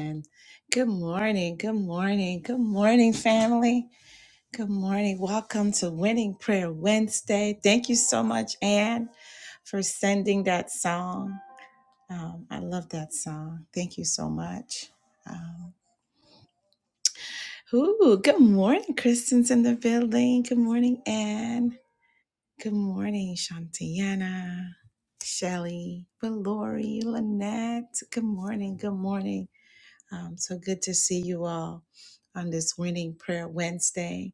And Good morning, good morning, good morning, family. Good morning. Welcome to Winning Prayer Wednesday. Thank you so much, Anne, for sending that song. Um, I love that song. Thank you so much. Um, ooh, good morning, Kristen's in the good morning, Anne. Good morning, Shantiana, Shelly, Valori, Lynette. Good morning, good morning. Um, so good to see you all on this Winning Prayer Wednesday.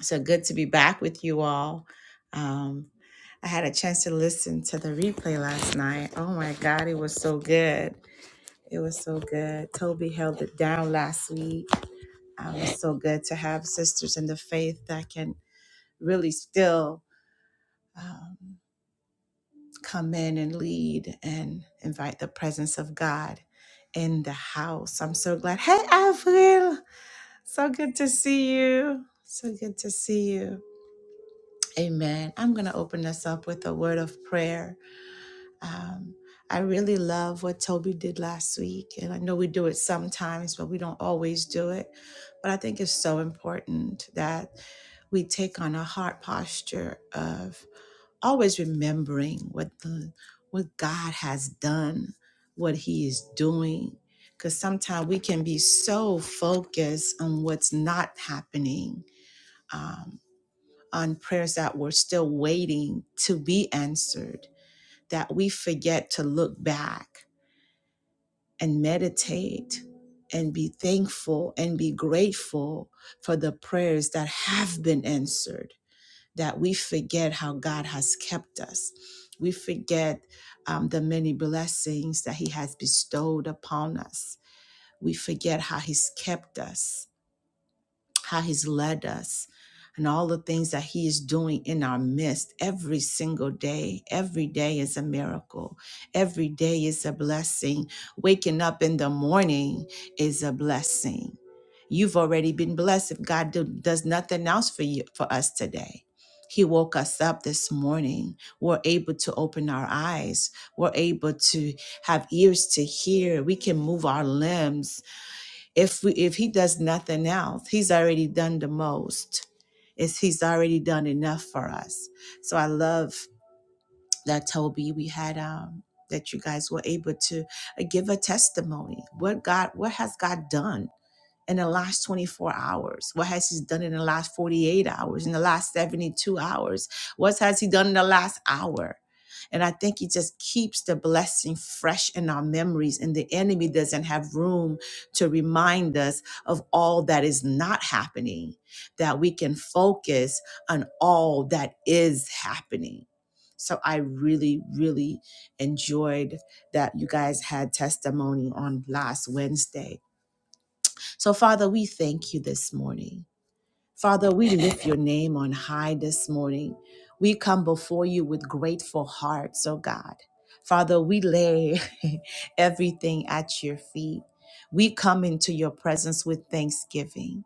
So good to be back with you all. Um, I had a chance to listen to the replay last night. Oh my God, it was so good. It was so good. Toby held it down last week. Um, it's so good to have sisters in the faith that can really still um, come in and lead and invite the presence of God in the house. I'm so glad. Hey, Avril. So good to see you. So good to see you. Amen. I'm going to open us up with a word of prayer. Um, I really love what Toby did last week. And I know we do it sometimes, but we don't always do it. But I think it's so important that we take on a heart posture of always remembering what the what God has done, what he is doing. Because sometimes we can be so focused on what's not happening um, on prayers that were still waiting to be answered, that we forget to look back and meditate and be thankful and be grateful for the prayers that have been answered, that we forget how God has kept us. We forget um, the many blessings that He has bestowed upon us. We forget how He's kept us how he's led us and all the things that he is doing in our midst every single day. Every day is a miracle. Every day is a blessing. Waking up in the morning is a blessing. You've already been blessed if God do- does nothing else for you for us today. He woke us up this morning. We're able to open our eyes. We're able to have ears to hear. We can move our limbs if we, if he does nothing else, he's already done the most. It's, he's already done enough for us. So I love that Toby we had um that you guys were able to uh, give a testimony. What God, what has God done? in the last 24 hours? What has he done in the last 48 hours, in the last 72 hours? What has he done in the last hour? And I think he just keeps the blessing fresh in our memories, and the enemy doesn't have room to remind us of all that is not happening, that we can focus on all that is happening. So I really, really enjoyed that you guys had testimony on last Wednesday so, Father, we thank you this morning. Father, we lift your name on high this morning. We come before you with grateful hearts, oh God. Father, we lay everything at your feet. We come into your presence with thanksgiving.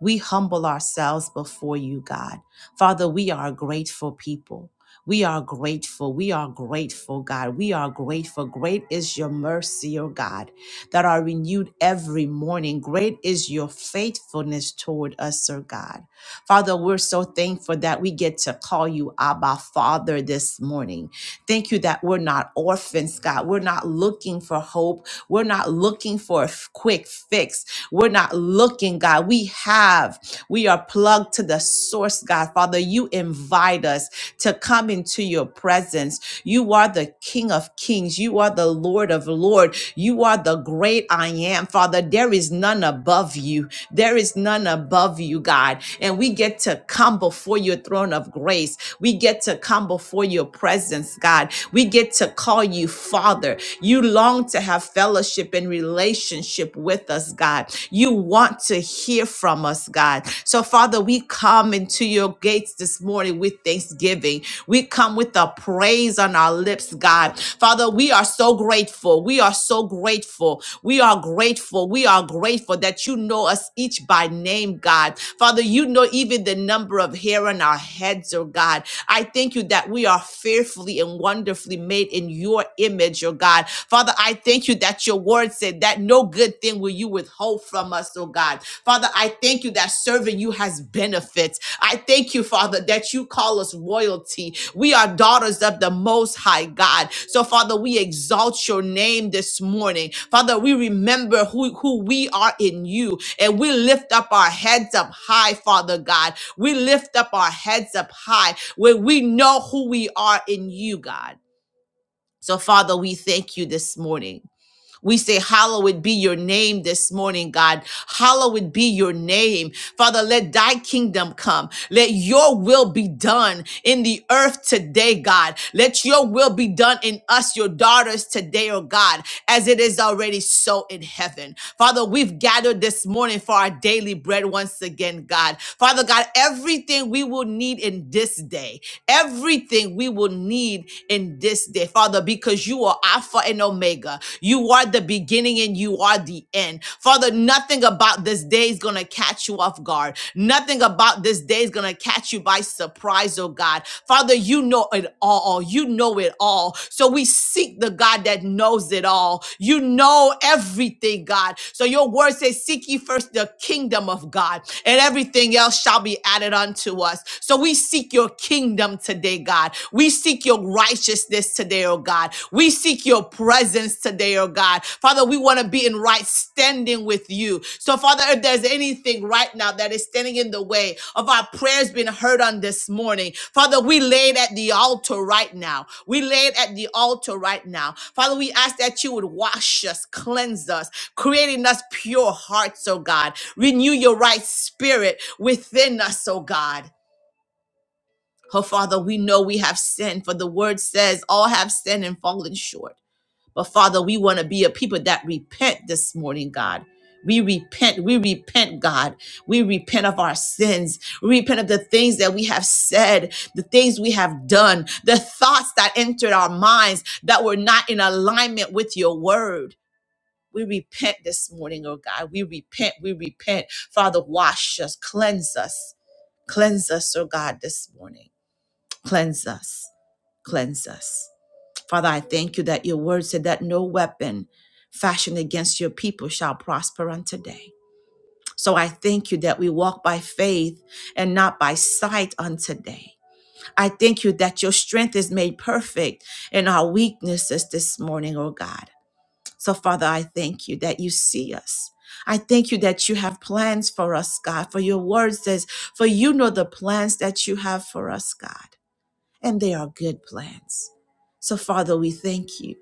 We humble ourselves before you, God. Father, we are a grateful people. We are grateful. We are grateful, God. We are grateful. Great is your mercy, O God, that are renewed every morning. Great is your faithfulness toward us, O God. Father, we're so thankful that we get to call you Abba Father this morning. Thank you that we're not orphans, God. We're not looking for hope. We're not looking for a f- quick fix. We're not looking, God. We have, we are plugged to the source, God. Father, you invite us to come into your presence. You are the King of Kings. You are the Lord of Lords. You are the great I am, Father. There is none above you. There is none above you, God. And we get to come before your throne of grace. We get to come before your presence, God. We get to call you Father. You long to have fellowship and relationship with us, God. You want to hear from us, God. So, Father, we come into your gates this morning with thanksgiving. We come with a praise on our lips, God. Father, we are so grateful. We are so grateful. We are are grateful. We are grateful that you know us each by name, God. Father, you know even the number of hair on our heads, oh God. I thank you that we are fearfully and wonderfully made in your image, oh God. Father, I thank you that your word said that no good thing will you withhold from us, oh God. Father, I thank you that serving you has benefits. I thank you, Father, that you call us royalty. We are daughters of the Most High God. So, Father, we exalt your name this morning. Father, we remember who, who we are in you and we lift up our heads up high, Father God. We lift up our heads up high where we know who we are in you, God. So, Father, we thank you this morning. We say, Hallowed be your name this morning, God. Hallowed be your name. Father, let thy kingdom come. Let your will be done in the earth today, God. Let your will be done in us, your daughters, today, oh God, as it is already so in heaven. Father, we've gathered this morning for our daily bread once again, God. Father God, everything we will need in this day, everything we will need in this day, Father, because you are Alpha and Omega. You are the beginning and you are the end. Father, nothing about this day is going to catch you off guard. Nothing about this day is going to catch you by surprise, oh God. Father, you know it all. You know it all. So we seek the God that knows it all. You know everything, God. So your word says, Seek ye first the kingdom of God, and everything else shall be added unto us. So we seek your kingdom today, God. God. We seek your righteousness today, oh God. We seek your presence today, oh God. Father, we want to be in right standing with you. So, Father, if there's anything right now that is standing in the way of our prayers being heard on this morning, Father, we lay it at the altar right now. We lay it at the altar right now. Father, we ask that you would wash us, cleanse us, creating us pure hearts, oh God. Renew your right spirit within us, oh God. Oh, Father, we know we have sinned, for the word says all have sinned and fallen short. But Father, we want to be a people that repent this morning, God. We repent, we repent, God. We repent of our sins. We repent of the things that we have said, the things we have done, the thoughts that entered our minds that were not in alignment with your word. We repent this morning, oh God. We repent, we repent. Father, wash us, cleanse us, cleanse us, oh God, this morning. Cleanse us. Cleanse us. Father, I thank you that your word said that no weapon fashioned against your people shall prosper on today. So I thank you that we walk by faith and not by sight on today. I thank you that your strength is made perfect in our weaknesses this morning, oh God. So, Father, I thank you that you see us. I thank you that you have plans for us, God, for your word says, for you know the plans that you have for us, God and they are good plans. So, Father, we thank you.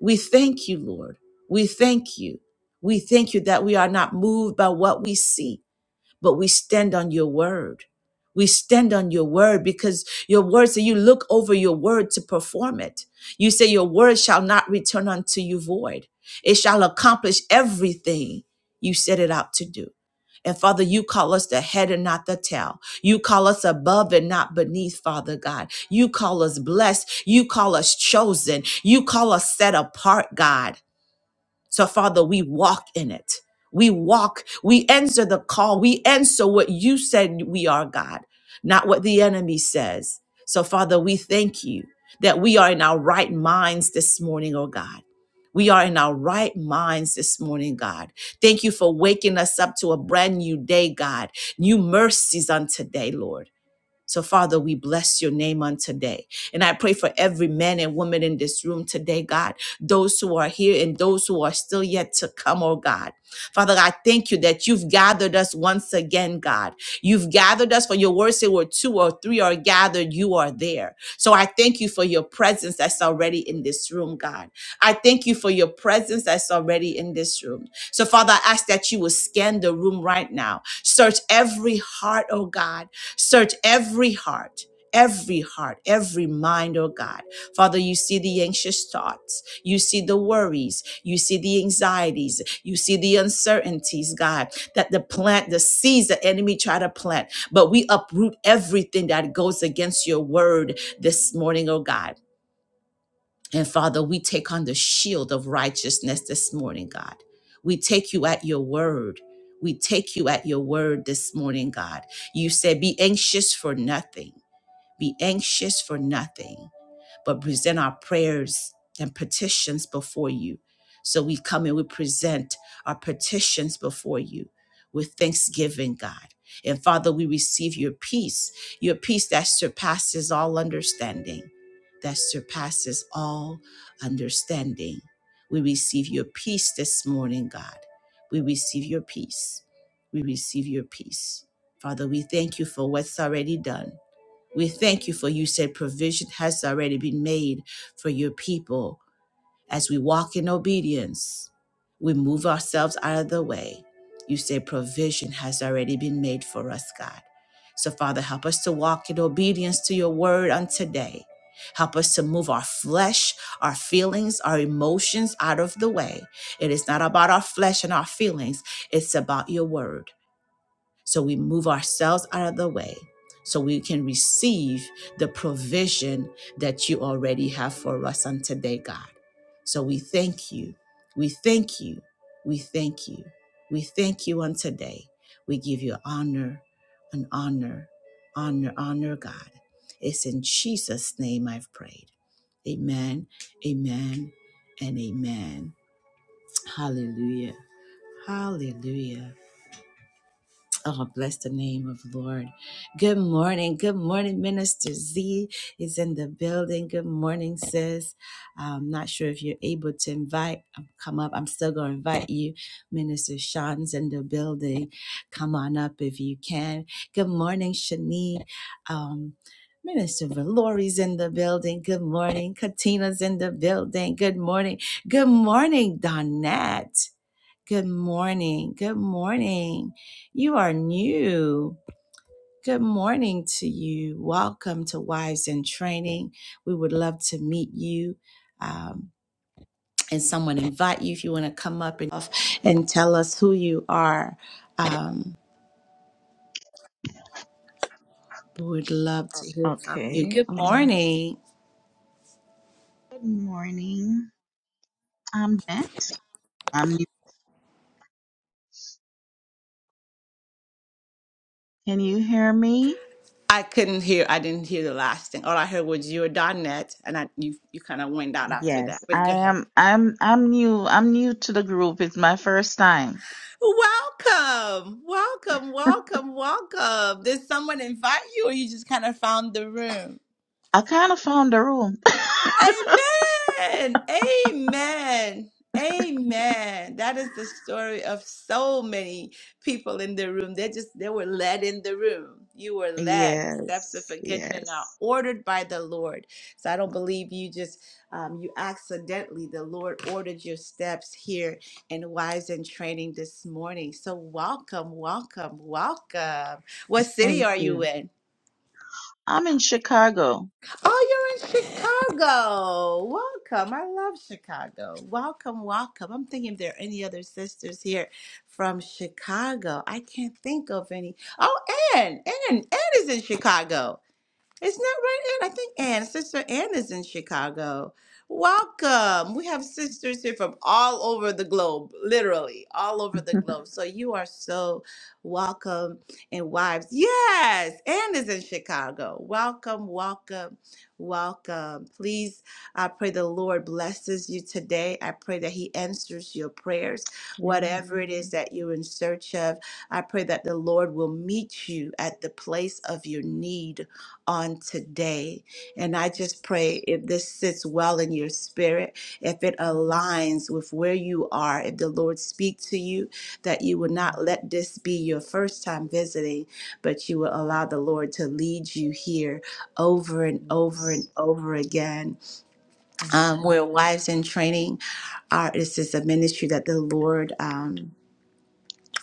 We thank you, Lord. We thank you. We thank you that we are not moved by what we see but we stand on your word. We stand on your word because your word say you look over your word to perform it. You say your word shall not return unto you void. It shall accomplish everything you set it out to do. And Father, you call us the head and not the tail. You call us above and not beneath, Father God. You call us blessed. You call us chosen. You call us set apart, God. So, Father, we walk in it. We walk, we answer the call, we answer what you said we are, God, not what the enemy says. So, Father, we thank you that we are in our right minds this morning, oh God. We are in our right minds this morning, God. Thank you for waking us up to a brand new day, God. New mercies on today, Lord. So, Father, we bless your name on today. And I pray for every man and woman in this room today, God, those who are here and those who are still yet to come, oh God. Father, I thank you that you've gathered us once again, God. You've gathered us for your word, say where two or three are gathered, you are there. So I thank you for your presence that's already in this room, God. I thank you for your presence that's already in this room. So, Father, I ask that you will scan the room right now. Search every heart, oh God Search every heart. Every heart, every mind, oh God. Father, you see the anxious thoughts. You see the worries. You see the anxieties. You see the uncertainties, God, that the plant, the seeds the enemy try to plant. But we uproot everything that goes against your word this morning, oh God. And Father, we take on the shield of righteousness this morning, God. We take you at your word. We take you at your word this morning, God. You said, Be anxious for nothing. Be anxious for nothing but present our prayers and petitions before you. So we come and we present our petitions before you with thanksgiving, God. And Father, we receive your peace, your peace that surpasses all understanding, that surpasses all understanding. We receive your peace this morning, God. We receive your peace. We receive your peace. Father, we thank you for what's already done. We thank you for you said provision has already been made for your people. As we walk in obedience, we move ourselves out of the way. You said provision has already been made for us, God. So, Father, help us to walk in obedience to your word on today. Help us to move our flesh, our feelings, our emotions out of the way. It is not about our flesh and our feelings, it's about your word. So we move ourselves out of the way so we can receive the provision that you already have for us on today, God. So we thank you. We thank you. We thank you. We thank you on today. We give you honor and honor, honor, honor, God. It's in Jesus' name I've prayed. Amen, amen, and amen. Hallelujah. Hallelujah. Oh, bless the name of the Lord. Good morning. Good morning. Minister Z is in the building. Good morning, sis. I'm not sure if you're able to invite, um, come up. I'm still going to invite you. Minister Sean's in the building. Come on up if you can. Good morning, Shanique. Um, Minister Valori's in the building. Good morning. Katina's in the building. Good morning. Good morning, Donette. Good morning. Good morning. You are new. Good morning to you. Welcome to Wives in Training. We would love to meet you. Um, and someone invite you if you want to come up and, and tell us who you are. Um, we would love to hear from you. Okay. Good Um, morning. good morning. I'm next. I'm new. Can you hear me? I couldn't hear. I didn't hear the last thing. All I heard was you your Donette, and I, you you kind of went out after that. Yes, But I go ahead. am. I'm. I'm new. I'm new to the group. It's my first time. Welcome, welcome, welcome, welcome. Did someone invite you, or you just kind of found the room? I kind of found the room. Amen. Amen. Amen. That is the story of so many people in the room. They just they were led in the room. You were led. The steps of yes. a good man are Yes. ordered by the Lord. So I don't believe you just um, you accidentally. The Lord ordered your steps here in Wives in Training this morning. So welcome, welcome, welcome. What city Thank are you you. in? I'm in Chicago. Oh, you're in Chicago. Welcome. I love Chicago. Welcome, welcome. I'm thinking if there are any other sisters here from Chicago. I can't think of any. Oh, Ann. Ann. Ann is in Chicago. It's not right, Ann. I think Ann, Sister Ann is in Chicago. Welcome. We have sisters here from all over the globe, literally, all over the globe. So you are so welcome. And wives, yes, Ann is in Chicago. Welcome, welcome, welcome. Please, I pray the Lord blesses you today. I pray that He answers your prayers, whatever it is Amen. that you're in search of. I pray that the Lord will meet you at the place of your need on today. And I just pray if this sits well in your spirit, if it Amen. aligns with where you are, if the Lord speak to you, that you will not Amen. let this be your first time visiting, but you will allow the Lord to lead you here over and over and Yes. over again. Um, Amen. we're wives in training. Our, this is a ministry that the Lord um,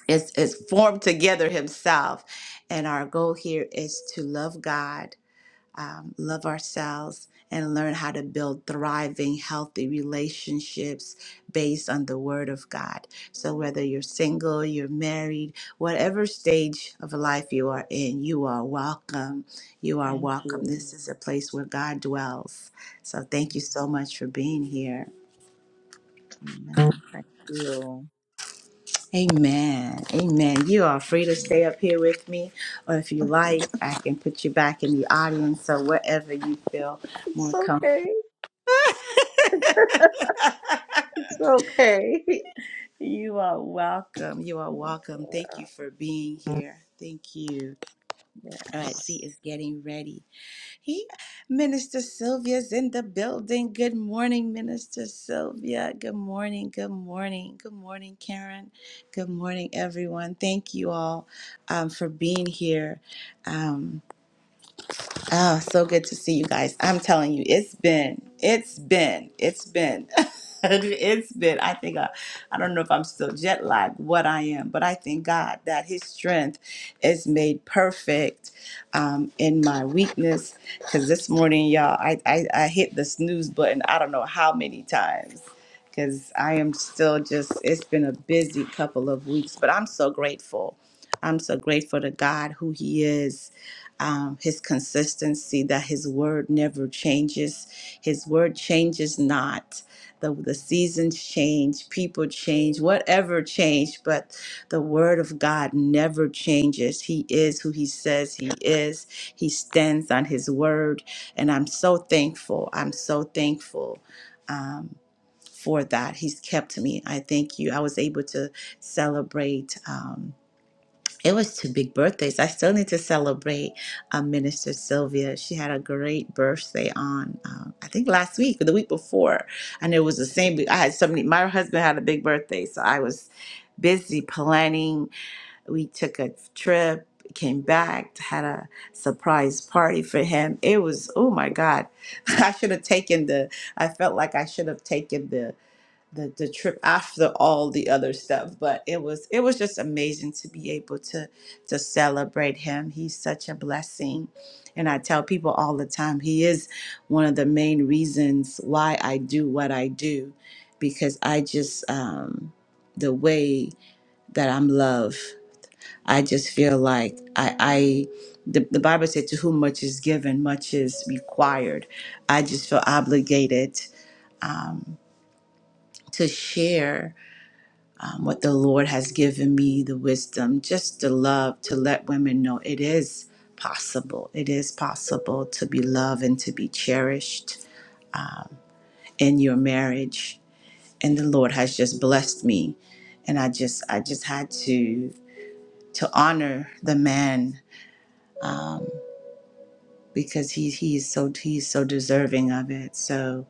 is, is formed together himself. And our goal here is to love God um, love ourselves and learn how to build thriving, healthy relationships based on the Word of God. So, whether you're single, you're married, whatever stage of life you are in, you are welcome. You are Thank welcome. you. This is a place where God dwells. So, thank you so much for being here. Amen. Thank you. Amen. Amen. You are free to stay up here with me, or if you like, I can put you back in the audience. So, wherever you feel more It's comfortable okay. It's okay. You are welcome. You are Oh, welcome. Thank you for being here. Thank you. All right, Z Yes. is getting ready. He, Minister Sylvia's in the building. Good morning, Minister Sylvia. Good morning. Good morning. Good morning, Karen. Good morning, everyone. Thank you all um, for being here. Um, Oh, so good to see you guys. I'm telling you, it's been, it's been, it's been, it's been. I think I, I don't know if I'm still jet lagged, what I am, but I thank God that His strength is made perfect um, in my weakness. Because this morning, y'all, I, I, I hit the snooze button. I don't know how many times. Because I am still just, it's been a busy couple of weeks, but I'm so grateful. I'm so grateful to God who He is um, his consistency, that his word never changes. His word changes not. The, the seasons change, people change, whatever change, but the word of God never changes. He is who he says he is. He stands on his word. And I'm so thankful. I'm so thankful. Um, for that, he's kept me. I thank you. I was able to celebrate. Um, it was two big birthdays. I still need to celebrate uh, Minister Sylvia. She had a great birthday on, um, I think last week or the week before, and it was the same. I had so many. My husband had a big birthday, so I was busy planning. We took a trip, came back, had a surprise party for him. It was oh my god! I should have taken the. I felt like I should have taken the the the trip after all the other stuff but it was it was just amazing to be able to to celebrate him he's such a blessing and i tell people all the time he is one of the main reasons why i do what i do because i just um the way that i'm loved i just feel like i i the, the bible said to whom much is given much is required i just feel obligated um to share um, what the Lord has given me, the wisdom, just the love to let women know it is possible. It is possible to be loved and to be cherished in your marriage. And the Lord has just blessed me. And I just I just had to to honor the man because he he is so he is so deserving of it. So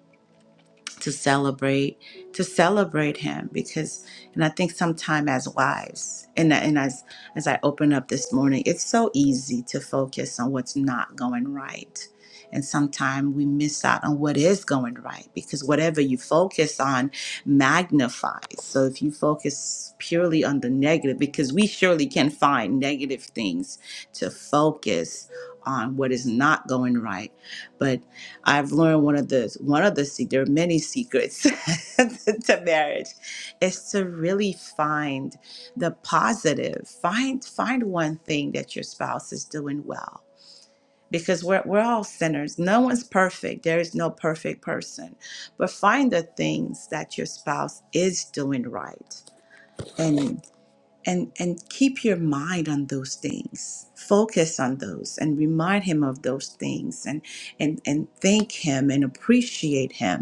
to celebrate to celebrate him because and I think sometimes as wives and and as as I open up this morning it's so easy to focus on what's not going right and sometimes we miss out on what is going right because whatever you focus on magnifies so if you focus purely on the negative because we surely can find negative things to focus on what is not going right but I've learned one of the one of the se- there are many secrets to marriage is to really find the positive. Find find one thing that your spouse is doing well. Because we're we're all sinners. No one's perfect. There is no perfect person. But find the things that your spouse is doing right and and and keep your mind on those things focus on those and remind him of those things and and and thank him and appreciate him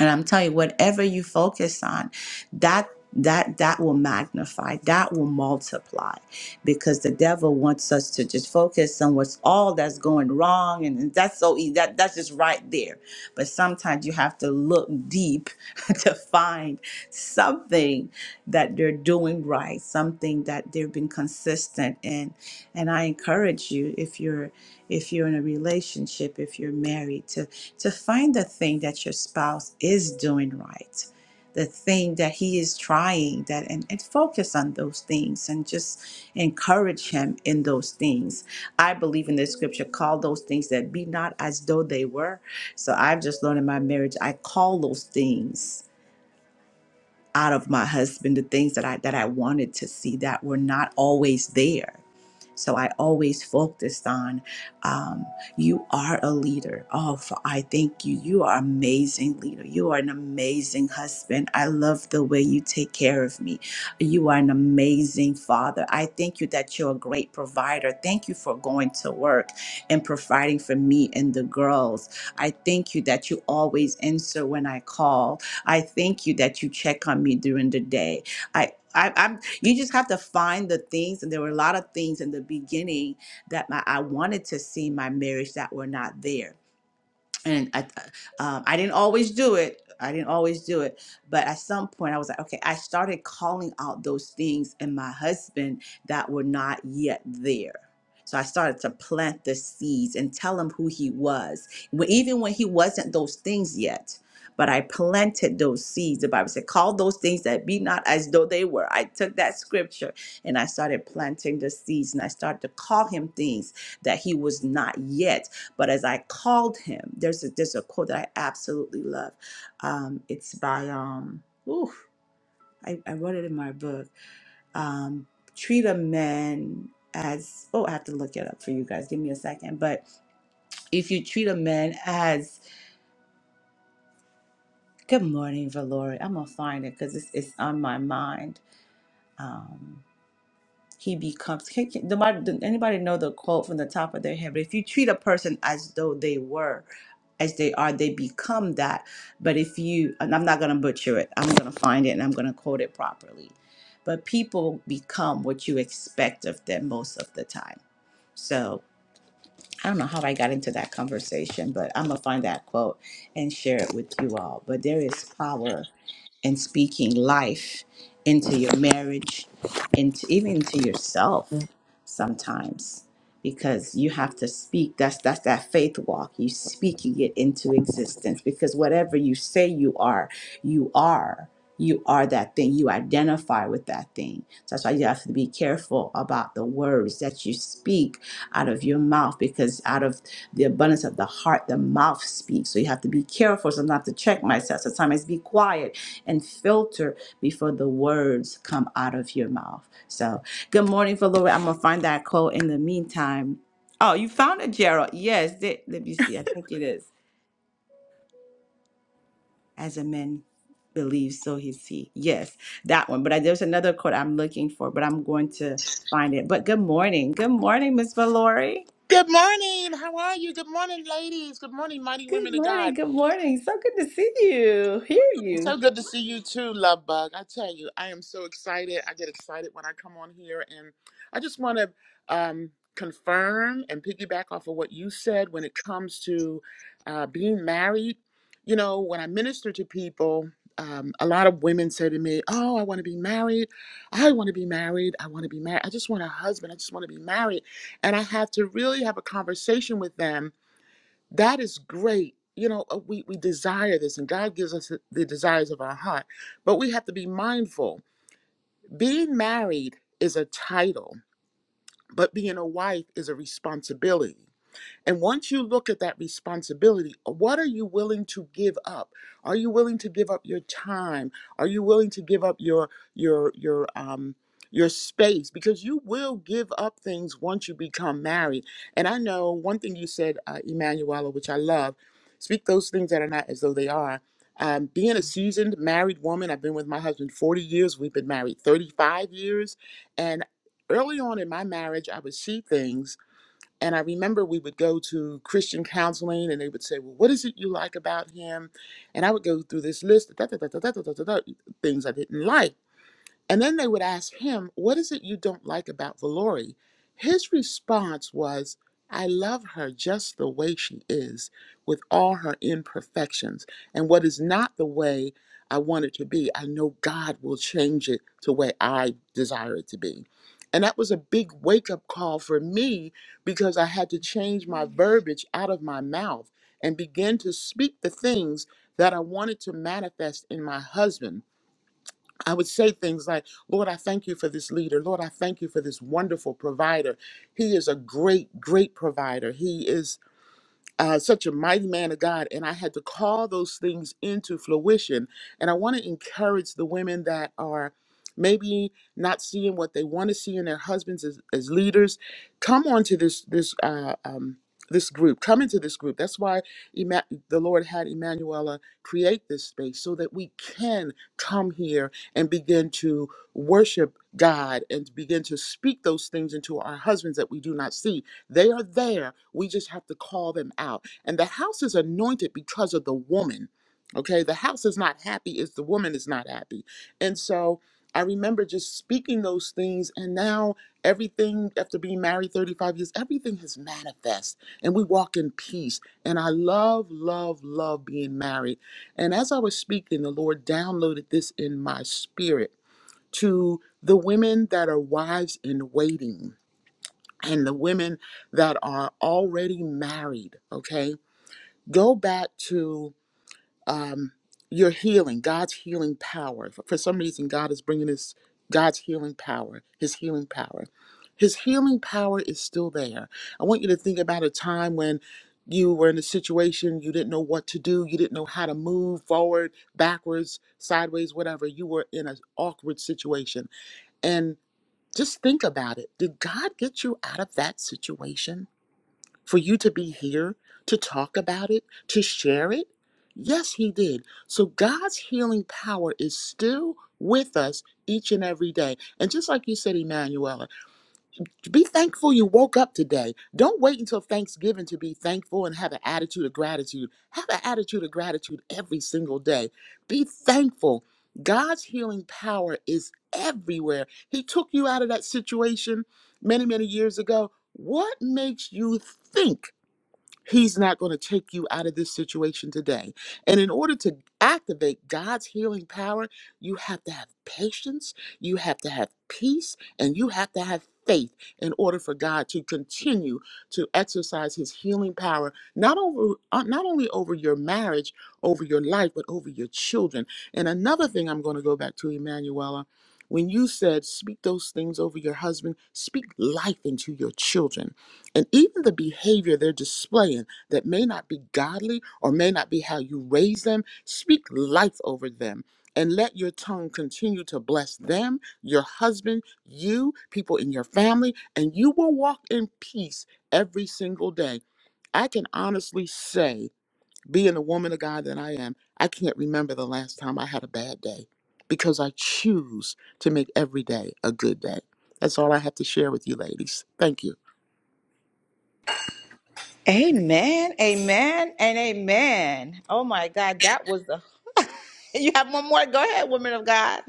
and i'm telling you whatever you focus on that that that will magnify that will multiply because the devil wants us to just focus on what's all that's going wrong and that's so easy that that's just right there but sometimes you have to look deep to find something that they're doing right something that they've been consistent in and i encourage you if you're if you're in a relationship if you're married to to find the thing that your spouse is doing right, the thing that he is trying that and, and focus on those things and just encourage him in those things. I believe in the scripture, call those things that be not as though they were. So I've just learned in my marriage, I call those things out of my husband the things that I that I wanted to see that were not always there. So I always focused on, um, you are a leader. Oh, I thank you. You are an amazing leader. You are an amazing husband. I love the way you take care of me. You are an amazing father. I thank you that you're a great provider. Thank you for going to work and providing for me and the girls. I thank you that you always answer when I call. I thank you that you check on me during the day. I, I, I'm. You just have to find the things, and there were a lot of things in the beginning that my, I wanted to see in my marriage that were not there and I, um, I didn't always do it. I didn't always do it, but at some point I was like, okay, I started calling out those things in my husband that were not yet there. So I started to plant the seeds and tell him who he was, When- even when he wasn't those things yet. But I planted those seeds. The Bible said, call those things that be not as though they were. I took that scripture and I started planting the seeds and I started to call him things that he was not yet but as I called him, there's a, there's a quote that I absolutely love. Um, it's by um, ooh, I, I wrote it in my book. Um, treat a man as oh, I have to look it up for you guys. Give me a second. But if you treat a man as good morning, Valori, I'm gonna find it because it's it's on my mind. um, he becomes. Can, can, the, Bible- anybody know the quote from the top of their head? But if you treat a person as though they were, as they are, they become that. But if you, and I'm not going to butcher it, I'm going to find it and I'm going to quote it properly. But people become what you expect of them most of the time. So. I don't know how I got into that conversation, but I'm going to find that quote and share it with you all. But there is power in speaking life into your marriage, into even into yourself sometimes because you have to speak that's that's that faith walk you speaking it into existence because whatever you say you are you are you are that thing you identify with that thing so that's why you have to be careful about the words that you speak out of your mouth because out of the abundance of the heart, the mouth speaks. So you have to be careful. Sometimes I have to check myself. Sometimes be quiet and filter before the words come out of your mouth. So good morning, Valora. I'm gonna find that quote in the meantime. Oh, you found it, Gerald. Yes, th- let me see. I think it is. As a man believes, so is he. Yes, that one. But I, there's another quote I'm looking for, but I'm going to find it. But good morning. Good morning, Miss Valori. Good morning. How are you? Good morning, ladies. Good morning, mighty Good women of God. morning. Good morning. So good to see you, hear It's you. so good to see you too, love bug. I tell you, I am so excited. I get excited when I come on here, and I just want to um, confirm and piggyback off of what you said when it comes to uh, being married. You know, when I minister to people, um, a lot of women say to me, "Oh, I want to be married. I want to be married. I want to be married. I just want a husband. I just want to be married." And I have to really have a conversation with them That is great. You know, uh, we, we desire this, and God gives us the the desires of our heart, but we have to be mindful. Being married is a title, but being a wife is a responsibility. And once you look at that responsibility, what are you willing to give up? Are you willing to give up your time? Are you willing to give up your your your um your space because you will give up things once you become married. And I know one thing you said, uh, Emanuela, which I love speak those things that are not as though they are. Um, being a seasoned married woman, I've been with my husband 40 years. We've been married 35 years. And early on in my marriage, I would see things and I remember we would go to Christian counseling and they would say, Well, what is it you like about him? And I would go through this list, of da, da, da, da, da, da, da, da, things I didn't like. And then they would ask him, What is it you don't like about Valori? His response was, I love her just the way she is, with all her imperfections. And what is not the way I want it to be, I know God will change it to the way I desire it to be. And that was a big wake up call for me because I had to change my verbiage out of my mouth and begin to speak the things that I wanted to manifest in my husband I would say things like, Lord, I thank you for this leader. Lord, I thank you for this wonderful provider. He is a great, great provider. He is uh, such a mighty man of God, and I had to call those things into fruition. And I want to encourage the women that are maybe not seeing what they want to see in their husbands as, as leaders. Come onto this this uh, um, this group. Come into this group. That's why Emma- the Lord had Emanuela create this space so that we can come here and begin to worship God and begin to speak those things into our husbands that we do not see they are there. We just have to call them out. And the house is anointed because of the woman. Okay. The house is not happy if the woman is not happy. And so I remember just speaking those things. And now everything, after being married 35 years, everything has manifest and we walk in peace. And I love, love, love being married. And as I was speaking, the Lord downloaded this in my spirit to the women that are wives in waiting and the women that are already married, okay, go back to um, your healing, God's healing power. For some reason, God is bringing this God's healing power, His healing power. His healing power is still there. I want you to think about a time when you were in a situation you didn't know what to do, you didn't know how to move forward, backwards, sideways, whatever. You were in an awkward situation. And just think about it. Did God get you out of that situation? for you to be here to talk about it, to share it? Yes, he did. So God's healing power is still with us each and every day. And just like you said, Emanuela, be thankful you woke up today. Don't wait until Thanksgiving to be thankful and have an attitude of gratitude. Have an attitude of gratitude every single day. Be thankful. God's healing power is everywhere. He took you out of that situation many, many years ago. What makes you think? He's not going to take you out of this situation today. And in order to activate God's healing power, you have to have patience, you have to have peace, and you have to have faith in order for God to continue to exercise his healing power not over uh, not only over your marriage, over your life, but over your children. And another thing I'm going to go back to Emanuela, when you said speak those things over your husband, speak life into your children and even the behavior they're displaying that may not be godly or may not be how you raise them, speak life over them. And let your tongue continue to bless them, your husband, you, people in your family, and you will walk in peace every single day. I can honestly say, being the woman of God that I am, I can't remember the last time I had a bad day because I choose to make every day a good day. That's all I have to share with you, ladies. Thank you. Amen. Amen. And amen. Oh my God, that was the. you have one more. Go ahead, woman of God.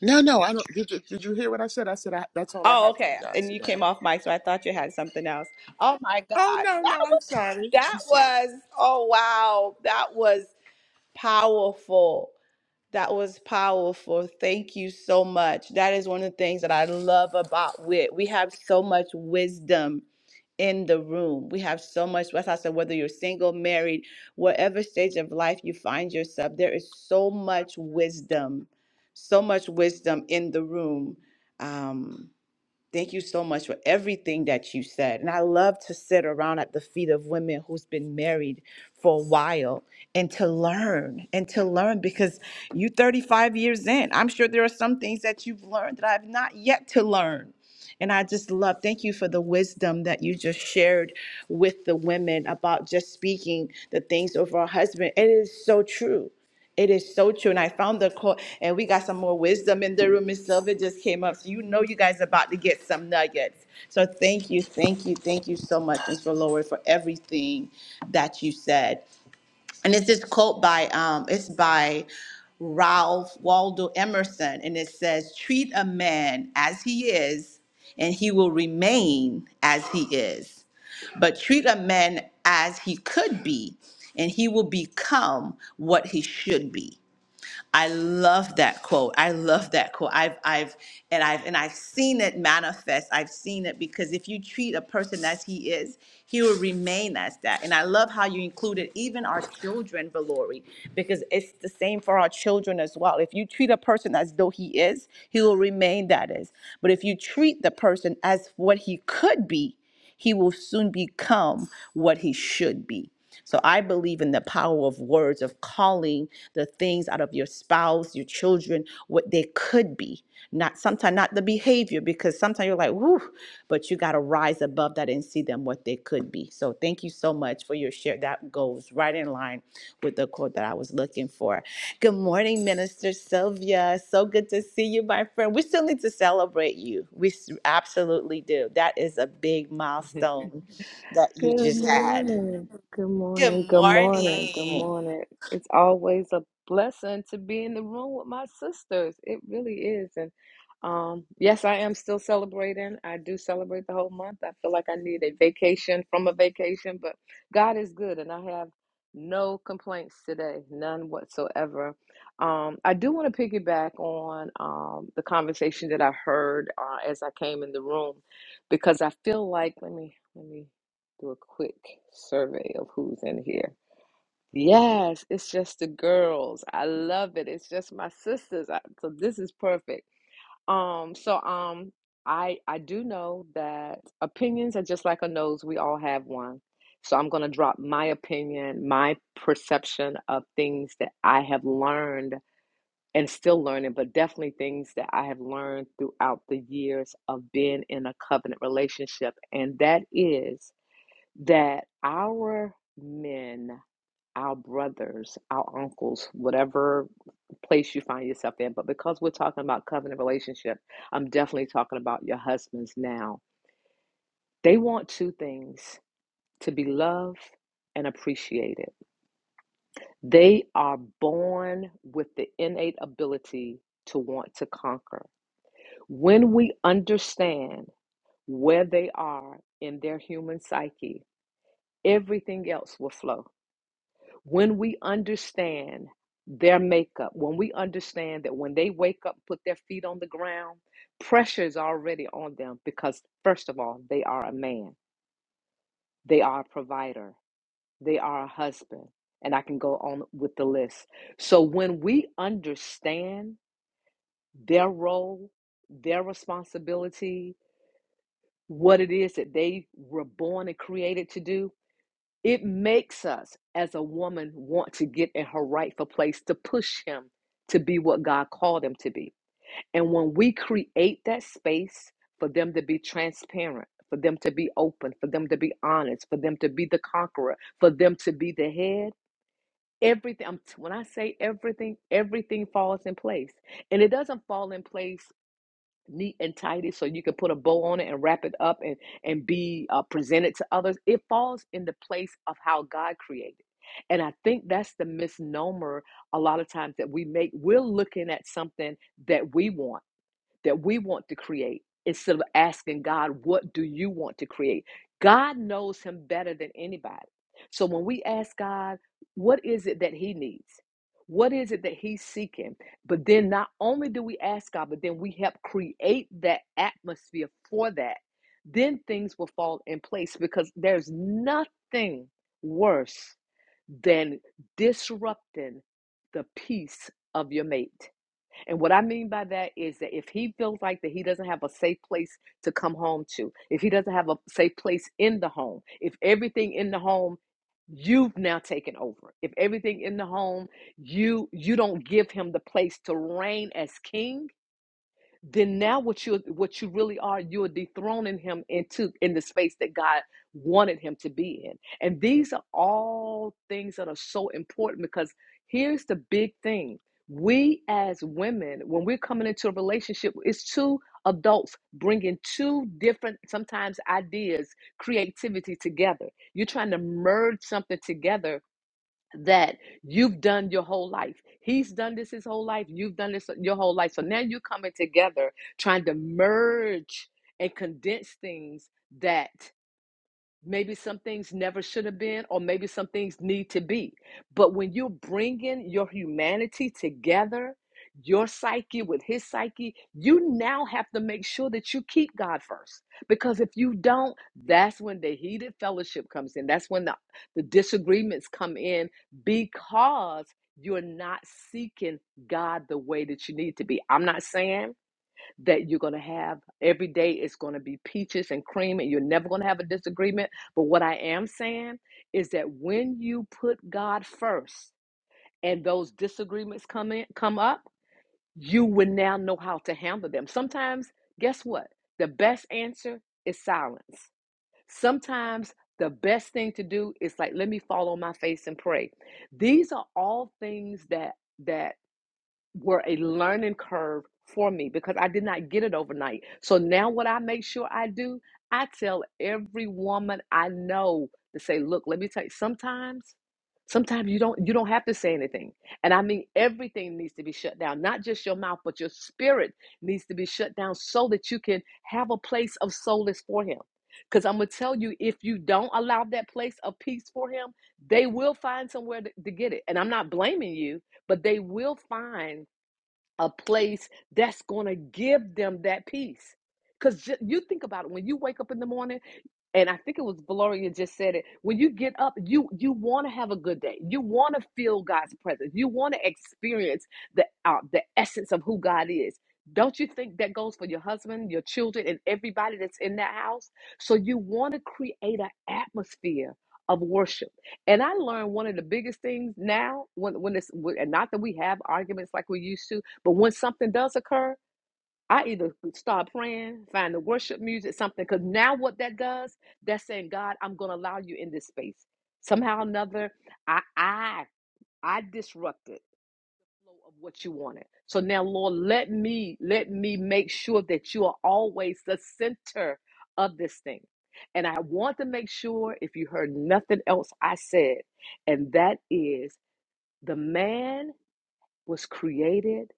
No, no, I don't. Did you, did you hear what I said? I said I, that's all I Oh, have for you okay. guys And you today. came off mic, so I thought you had something else. Oh my Oh God, no, that no, I'm was sorry. I'm that sorry. was. Oh wow, that was powerful. That was powerful. Thank you so much. That is one of the things that I love about wit. We have so much wisdom in the room. We have so much, as I said, whether you're single, married, whatever stage of life you find yourself, there is so much wisdom, so much wisdom in the room. Um, Thank you so much for everything that you said. And I love to sit around at the feet of women who's been married for a while and to learn and to learn because you 35 years in. I'm sure there are some things that you've learned that I've not yet to learn. And I just love, thank you for the wisdom that you just shared with the women about just speaking the things over our husband. It is so true it is so true. And I found the quote, and we got some more wisdom in the room. Miss Silva just came up. So you know you guys are about to get some nuggets. So thank you, thank you, thank you so much, Miss Lord, for everything that you said. And it's this quote by um, it's by Ralph Waldo Emerson, and it says, treat a man as he is, and he will remain as he is. But treat a man as he could be, and he will become what he should be. I love that quote. I love that quote. I've I've and I've and I've seen it manifest. I've seen it because if you treat a person as he is, he will remain as that. And I love how you included even our children, Valori, because it's the same for our children as well. If you treat a person as though he is, he will remain that is. But if you treat the person as what he could be, he will soon become what he should be. So I believe in the power of words, of calling the things out of your spouse, your children, what they could be. Not sometimes not the behavior, because sometimes you're like, whoo, but you gotta rise above that and see them what they could be. So thank you so much for your share. That goes right in line with the quote that I was looking for. Good morning, Minister Sylvia. So good to see you, my friend. We still need to celebrate you. We s- absolutely do. That is a big milestone that you Good just had. morning. Good Good morning. Good morning. Good morning. morning. It's always a blessing to be in the room with my sisters. It really is. And um, yes, I am still celebrating. I do celebrate the whole month. I feel like I need a vacation from a vacation, but God is good, and I have no complaints today, none whatsoever. Um, I do want to piggyback on um, the conversation that I heard uh, as I came in the room because I feel like let me let me do a quick survey of who's in here. Yes, it's just the girls. I love it. It's just my sisters. I, so this is perfect. Um, so um, I I do know that opinions are just like a nose. We all have one. So I'm gonna drop my opinion, my perception of things that I have learned and still learning, but definitely things that I have learned throughout the years of being in a covenant relationship, and that is that our men, our brothers, our uncles, whatever place you find yourself in, but because we're talking about covenant relationship, I'm definitely talking about your husbands now. They want two things to be loved and appreciated. They are born with the innate ability to want to conquer. When we understand where they are in their human psyche, everything else will flow when we understand their makeup, when we understand that when they wake up, put their feet on the ground, pressure is already on them because, first of all, they are a man, they are a provider, they are a husband, and I can go on with the list. So when we understand their role, their responsibility, what it is that they were born and created to do, It makes us, as a woman, want to get in her rightful place to push him to be what God called him to be. And when we create that space for them to be transparent, for them to be open, for them to be honest, for them to be the conqueror, for them to be the head, everything, I'm- when I say everything, everything falls in place. And it doesn't fall in place neat and tidy so you can put a bow on it and wrap it up and and be uh, presented to others it falls in the place of how god created and i think that's the misnomer a lot of times that we make we're looking at something that we want that we want to create instead of asking God, what do you want to create? God knows him better than anybody. So when we ask God, what is it that he needs? What is it that he's seeking? But then not only do we ask God, but then we help create that atmosphere for that. Then things will fall in place because there's nothing worse than disrupting the peace of your mate and what I mean by that is that if he feels like that he doesn't have a safe place to come home to, if he doesn't have a safe place in the home, if everything in the home you've now taken over. If everything in the home you you don't give him the place to reign as king, then now what you what you really are you're dethroning him into in the space that god wanted him to be in and these are all things that are so important because here's the big thing we as women when we're coming into a relationship it's two adults bringing two different sometimes ideas creativity together you're trying to merge something together that you've done your whole life. He's done this his whole life. You've done this your whole life. So now you're coming together trying to merge and condense things that Maybe some things never should have been, or maybe some things need to be. But when you're bringing your humanity together, your psyche with his psyche, you now have to make sure that you keep God first. Because if you don't, that's when the heated fellowship comes in. That's when the, the disagreements come in because you're not seeking God the way that you need to be. I'm not saying that you're going to have. Every day it's going to be peaches and cream, and you're never going to have a disagreement. But what I am saying is that when you put God first and those disagreements come in, come up, you will now know how to handle them. Sometimes, guess what? The best answer is silence. Sometimes the best thing to do is like, let me fall on my face and pray. These are all things that that were a learning curve for me because I did not get it overnight. So now, what I make sure I do, I tell every woman I know to say, "Look, let me tell you. Sometimes, sometimes you don't you don't have to say anything, and I mean everything needs to be shut down. Not just your mouth, but your spirit needs to be shut down so that you can have a place of solace for Him." Because I'm gonna tell you, if you don't allow that place of peace for him, they will find somewhere to, to get it. And I'm not blaming you but they will find a place that's going to give them that peace. Because you think about it when you wake up in the morning and I think it was Valoria just said it. When you get up, you you want to have a good day. You want to feel God's presence. You want to experience the uh, the essence of who God is. Don't you think that goes for your husband, your children, and everybody that's in that house? So you want to create an atmosphere of worship. And I learned one of the biggest things now when when this and not that we have arguments like we used to, but when something does occur, I either start praying, find the worship music, something, because now what that does, that's saying, God, I'm gonna allow you in this space. Somehow or another, I I I disrupted of what you wanted. So now, Lord, let me let me make sure that you are always the center of this thing. And I want to make sure if you heard nothing else I said, and that is the man was created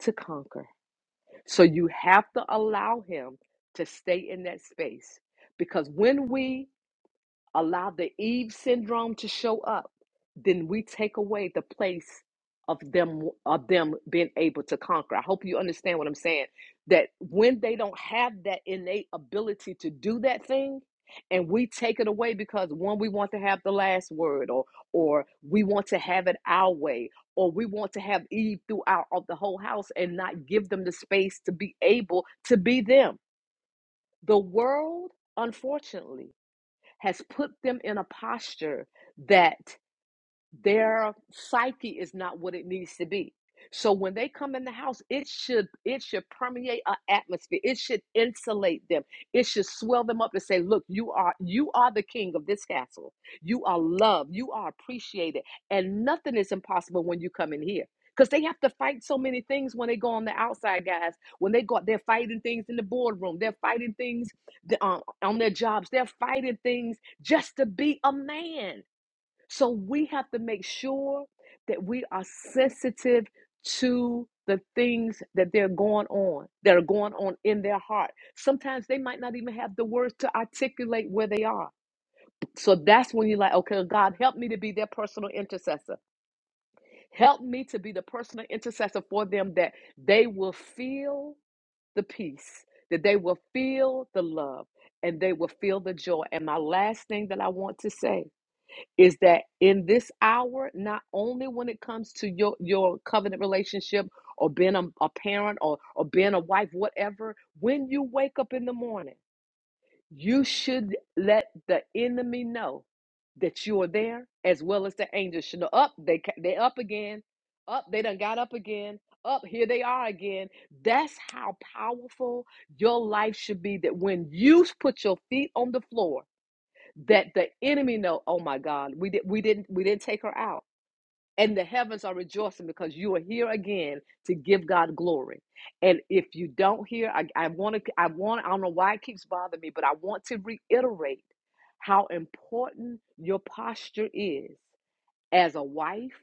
to conquer. So you have to allow him to stay in that space because when we allow the Eve syndrome to show up, then we take away the place of them of them being able to conquer. I hope you understand what I'm saying. That when they don't have that innate ability to do that thing, and we take it away because one, we want to have the last word, or or we want to have it our way, or we want to have Eve throughout of the whole house and not give them the space to be able to be them. The world, unfortunately, has put them in a posture that their psyche is not what it needs to be. So when they come in the house, it should it should permeate an atmosphere. It should insulate them. It should swell them up to say, "Look, you are you are the king of this castle. You are loved. You are appreciated, and nothing is impossible when you come in here." Because they have to fight so many things when they go on the outside, guys. When they go, out, they're fighting things in the boardroom. They're fighting things uh, on their jobs. They're fighting things just to be a man so we have to make sure that we are sensitive to the things that they're going on, that are going on in their heart. Sometimes they might not even have the words to articulate where they are. So that's when you're like, okay, God, help me to be their personal intercessor. Help me to be the personal intercessor for them that they will feel the peace, that they will feel the love, and they will feel the joy. And my last thing that I want to say is that in this hour, not only when it comes to your, your covenant relationship or being a, a parent or, or being a wife, whatever, when you wake up in the morning, you should let the enemy know that you are there, as well as the angels should know. Up, they ca- they up again. Up, they done got up again. Up, here they are again. That's how powerful your life should be. That when you put your feet on the floor that the enemy know oh my god we did we didn't we didn't take her out and the heavens are rejoicing because you are here again to give god glory and if you don't hear i i want to i want i don't know why it keeps bothering me but i want to reiterate how important your posture is as a wife,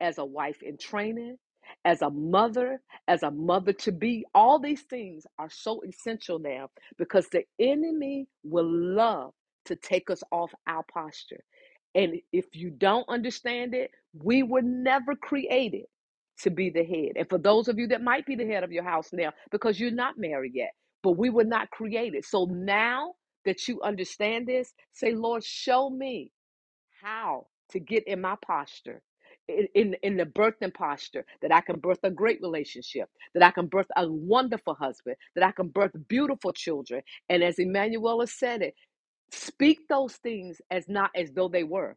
as a wife in training, as a mother, as a mother to be. All these things are so essential now because the enemy will love to take us off our posture. And if you don't understand it, we were never created to be the head. And for those of you that might be the head of your house now, because you're not married yet, but we were not created. So now that you understand this, say, Lord, show me how to get in my posture in, in in the birthing posture that I can birth a great relationship, that I can birth a wonderful husband, that I can birth beautiful children. And as Emanuela said it, speak those things as not as though they were.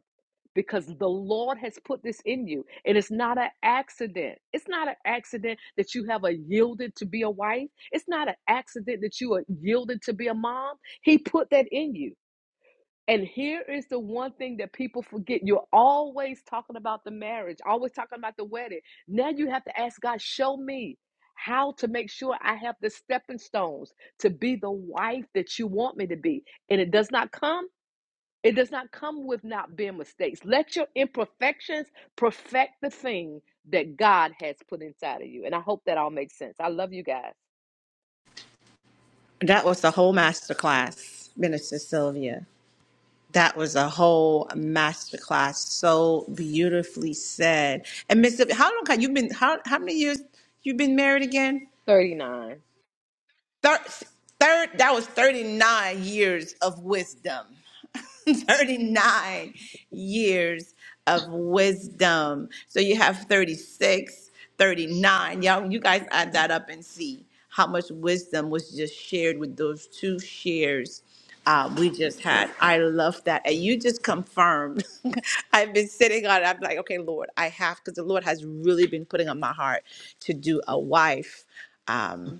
Because the Lord has put this in you. And it's not an accident. It's not an accident that you have a yielded to be a wife. It's not an accident that you are yielded to be a mom. He put that in you. And here is the one thing that people forget. You're always talking about the marriage, always talking about the wedding. Now you have to ask God, show me how to make sure I have the stepping stones to be the wife that you want me to be. And it does not come. It does not come with not being mistakes. Let your imperfections perfect the thing that God has put inside of you. And I hope that all makes sense. I love you guys. That was the whole masterclass, Minister Sylvia. That was a whole masterclass, so beautifully said. And Mr. How long have you been? How how many years you been married again? 39. Third, third, that was 39 years of wisdom. 39 years of wisdom. So you have 36, 39. Y'all, you guys add that up and see how much wisdom was just shared with those two shares uh, we just had. I love that. And you just confirmed. I've been sitting on it. I'm like, okay, Lord, I have, because the Lord has really been putting on my heart to do a wife. Um,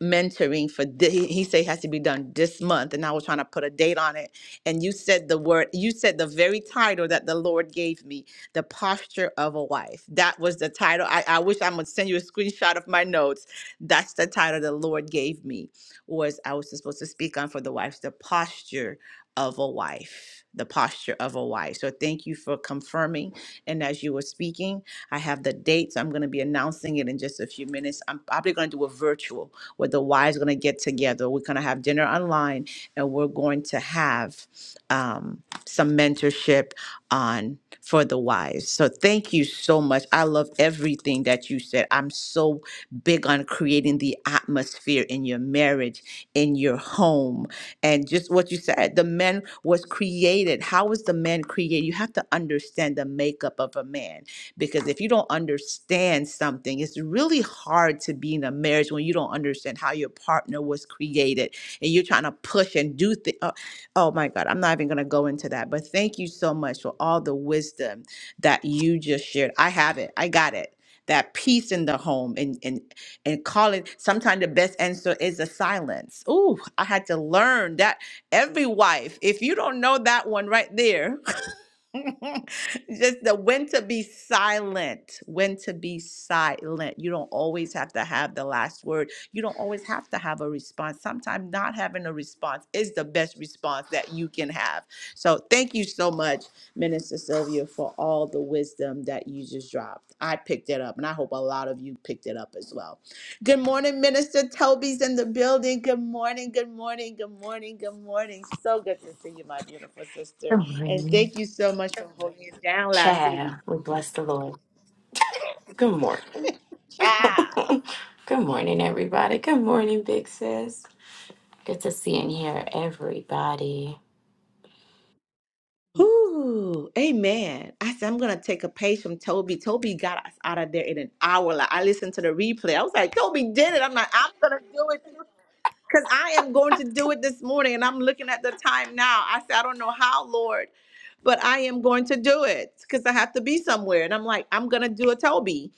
mentoring for thi- he he said it has to be done this month and i was trying to put a date on it and you said the word you said the very title that the lord gave me the posture of a wife that was the title i, I wish i'm going to send you a screenshot of my notes that's the title the lord gave me was i was supposed to speak on for the wives the posture of a wife the posture of a wife so thank you for confirming and as you were speaking i have the dates i'm going to be announcing it in just a few minutes i'm probably going to do a virtual where the wives are going to get together. We're going to have dinner online and we're going to have um, some mentorship on for the wives. So thank you so much. I love everything that you said. I'm so big on creating the atmosphere in your marriage, in your home, and just what you said. The man was created. How was the man created? You have to understand the makeup of a man because if you don't understand something, it's really hard to be in a marriage when you don't understand how your partner was created and you're trying to push and do things. Oh, oh my God, I'm not even going to go into that. But thank you so much for all the wisdom that you just shared. I have it, I got it. That peace in the home and and and call it sometimes the best answer is a silence. Ooh, I had to learn that every wife, if you don't know that one right there, Just the when to be silent, when to be silent. You don't always have to have the last word. You don't always have to have a response. Sometimes not having a response is the best response that you can have. So thank you so much, Minister Sylvia, for all the wisdom that you just dropped. I picked it up, and I hope a lot of you picked it up as well. Good morning, Minister Toby's in the building. Good morning, good morning, good morning, good morning. So good to see you, my beautiful sister. Good And morning. thank you so much for holding it down last Child, week. we bless the Lord. Good morning. Ciao. Good morning, everybody. Good morning, big sis. Good to see and hear everybody. Whew, amen. I said, I'm going to take a page from Toby. Toby got us out of there in an hour. Like, I listened to the replay. I was like, Toby did it. I'm like, I'm going to do it too. Because I am going to do it this morning. And I'm looking at the time now. I said, I don't know how, Lord, but I am going to do it because I have to be somewhere. And I'm like, I'm going to do a Toby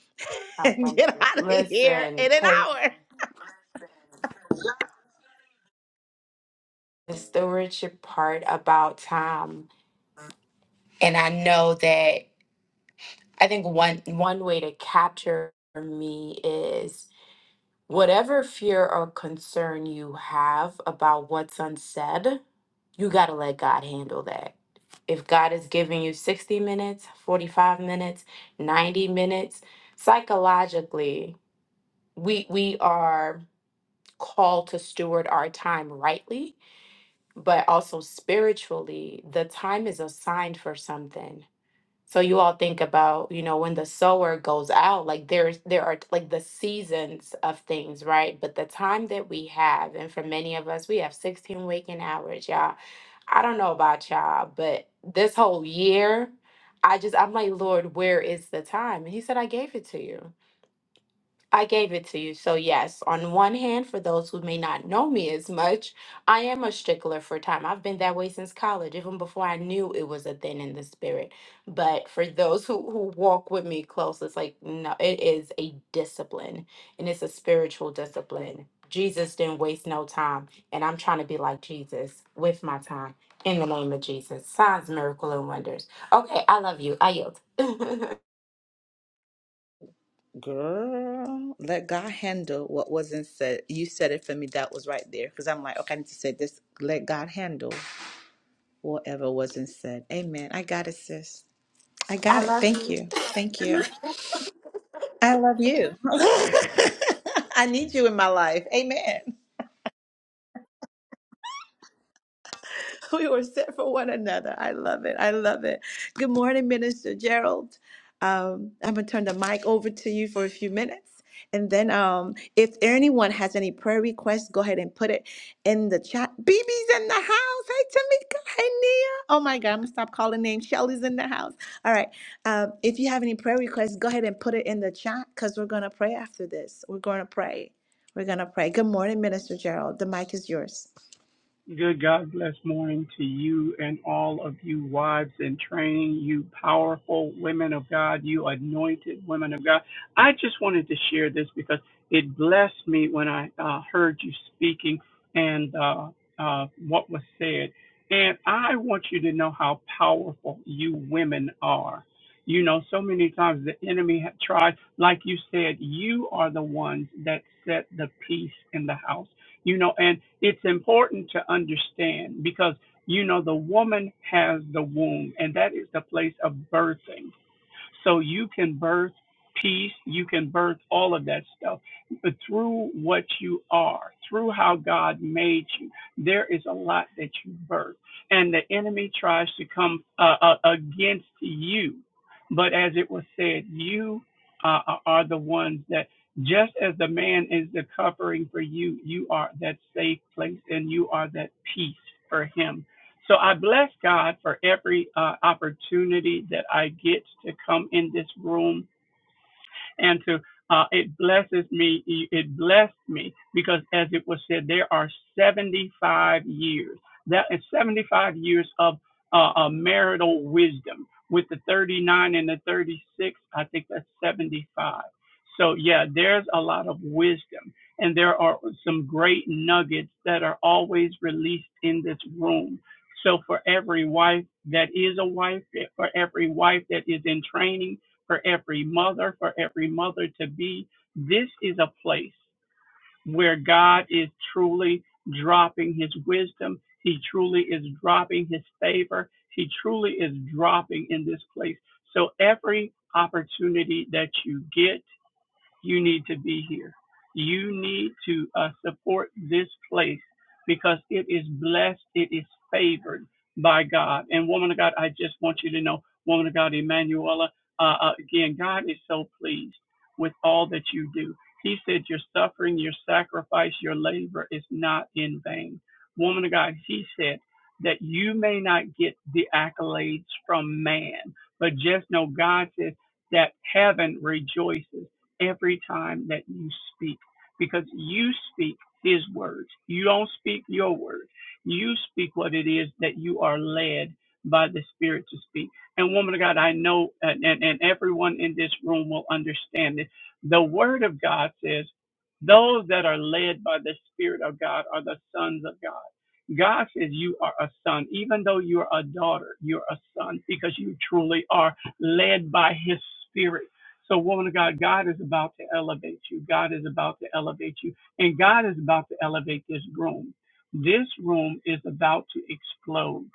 How and about get you? out of here Listen, in an because hour. the stewardship part about time, and I know that I think one one way to capture me is whatever fear or concern you have about what's unsaid you got to let God handle that. If God is giving you 60 minutes, 45 minutes, 90 minutes, psychologically, we we are called to steward our time rightly, but also spiritually, the time is assigned for something. So you all think about, you know, when the sower goes out, like there's there are like the seasons of things, right? But the time that we have, and for many of us, we have 16 waking hours, y'all. I don't know about y'all, but this whole year, I just I'm like, Lord, where is the time? And he said, I gave it to you. I gave it to you. So, yes, on one hand, for those who may not know me as much, I am a stickler for time. I've been that way since college, even before I knew it was a thing in the spirit. But for those who, who walk with me close, it's like, no, it is a discipline and it's a spiritual discipline. Jesus didn't waste no time. And I'm trying to be like Jesus with my time in the name of Jesus. Signs, miracle, and wonders. Okay, I love you. I yield. Girl, let God handle what wasn't said. You said it for me. That was right there. Because I'm like, okay, I need to say this. Let God handle whatever wasn't said. Amen. I got it, sis. I I got it. love Thank you. you. Thank you. I love you. I need you in my life. Amen. we were set for one another. I love it. I love it. Good morning, Minister Gerald. Um, I'm gonna turn the mic over to you for a few minutes, and then um, if anyone has any prayer requests, go ahead and put it in the chat. BB's in the house. Hey, Tamika. Hey, Nia. Oh my God, I'm gonna stop calling names. Shelly's in the house. All right. Um, if you have any prayer requests, go ahead and put it in the chat because we're gonna pray after this. We're gonna pray. We're gonna pray. Good morning, Minister Gerald. The mic is yours. Good God bless morning to you and all of you wives in training, you powerful women of God, you anointed women of God. I just wanted to share this because it blessed me when I uh, heard you speaking and uh, uh, what was said. And I want you to know how powerful you women are. You know, so many times the enemy had tried, like you said, you are the ones that set the peace in the house you know, and it's important to understand because, you know, the woman has the womb, and that is the place of birthing. So you can birth peace, you can birth all of that stuff but through what you are, through how God made you. There is a lot that you birth, and the enemy tries to come uh, uh, against you. But as it was said, you uh, are are the ones that. Just as the man is the covering for you, you are that safe place and you are that peace for him so I bless God for every uh, opportunity that I get to come in this room and to uh, it blesses me. It blessed me because, as it was said, there are 75 years. That is 75 years of uh, uh, marital wisdom. With the 39 and the 36, I think that's 75. So, yeah, there's a lot of wisdom, and there are some great nuggets that are always released in this room. So, for every wife that is a wife, for every wife that is in training, for every mother, for every mother to be. This is a place where God is truly dropping his wisdom. He truly is dropping his favor. He truly is dropping in this place. So every opportunity that you get, you need to be here. You need to uh, support this place because it is blessed, it is favored by God. And, woman of God, I just want you to know, woman of God, Emanuela, uh, uh, again, God is so pleased with all that you do. He said, Your suffering, your sacrifice, your labor is not in vain. Woman of God, He said, that you may not get the accolades from man, but just know God says that heaven rejoices every time that you speak because you speak his words. You don't speak your word. You speak what it is that you are led by the Spirit to speak. And woman of God, I know, and, and, and everyone in this room will understand this. The word of God says, those that are led by the Spirit of God are the sons of God. God says you are a son, even though you're a daughter, you're a son because you truly are led by his spirit so, woman of God, God is about to elevate you. God is about to elevate you. And God is about to elevate this room. This room is about to explode.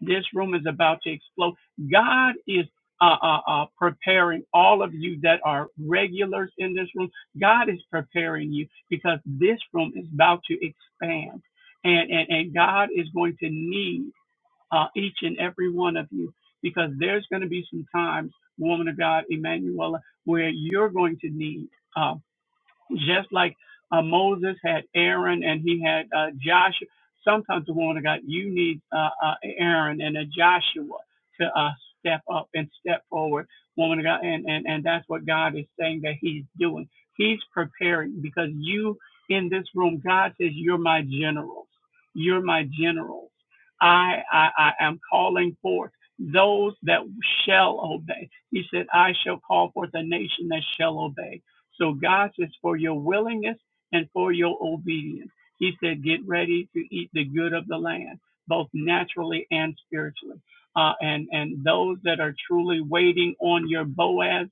This room is about to explode. God is uh, uh, uh, preparing all of you that are regulars in this room. God is preparing you because this room is about to expand. And, and, and God is going to need uh, each and every one of you, because there's going to be some times, woman of God, Emmanuel, where you're going to need. uh, just like uh, Moses had Aaron and he had uh, Joshua. Sometimes the woman of God, you need uh, uh, Aaron and a Joshua to uh, step up and step forward, woman of God, and, and and that's what God is saying that He's doing. He's preparing because you in this room, God says, "You're my generals. You're my generals. I I, I am calling forth." Those that shall obey. He said, I shall call forth a nation that shall obey. So God says, for your willingness and for your obedience. He said, get ready to eat the good of the land, both naturally and spiritually. Uh, and, and those that are truly waiting on your Boazes,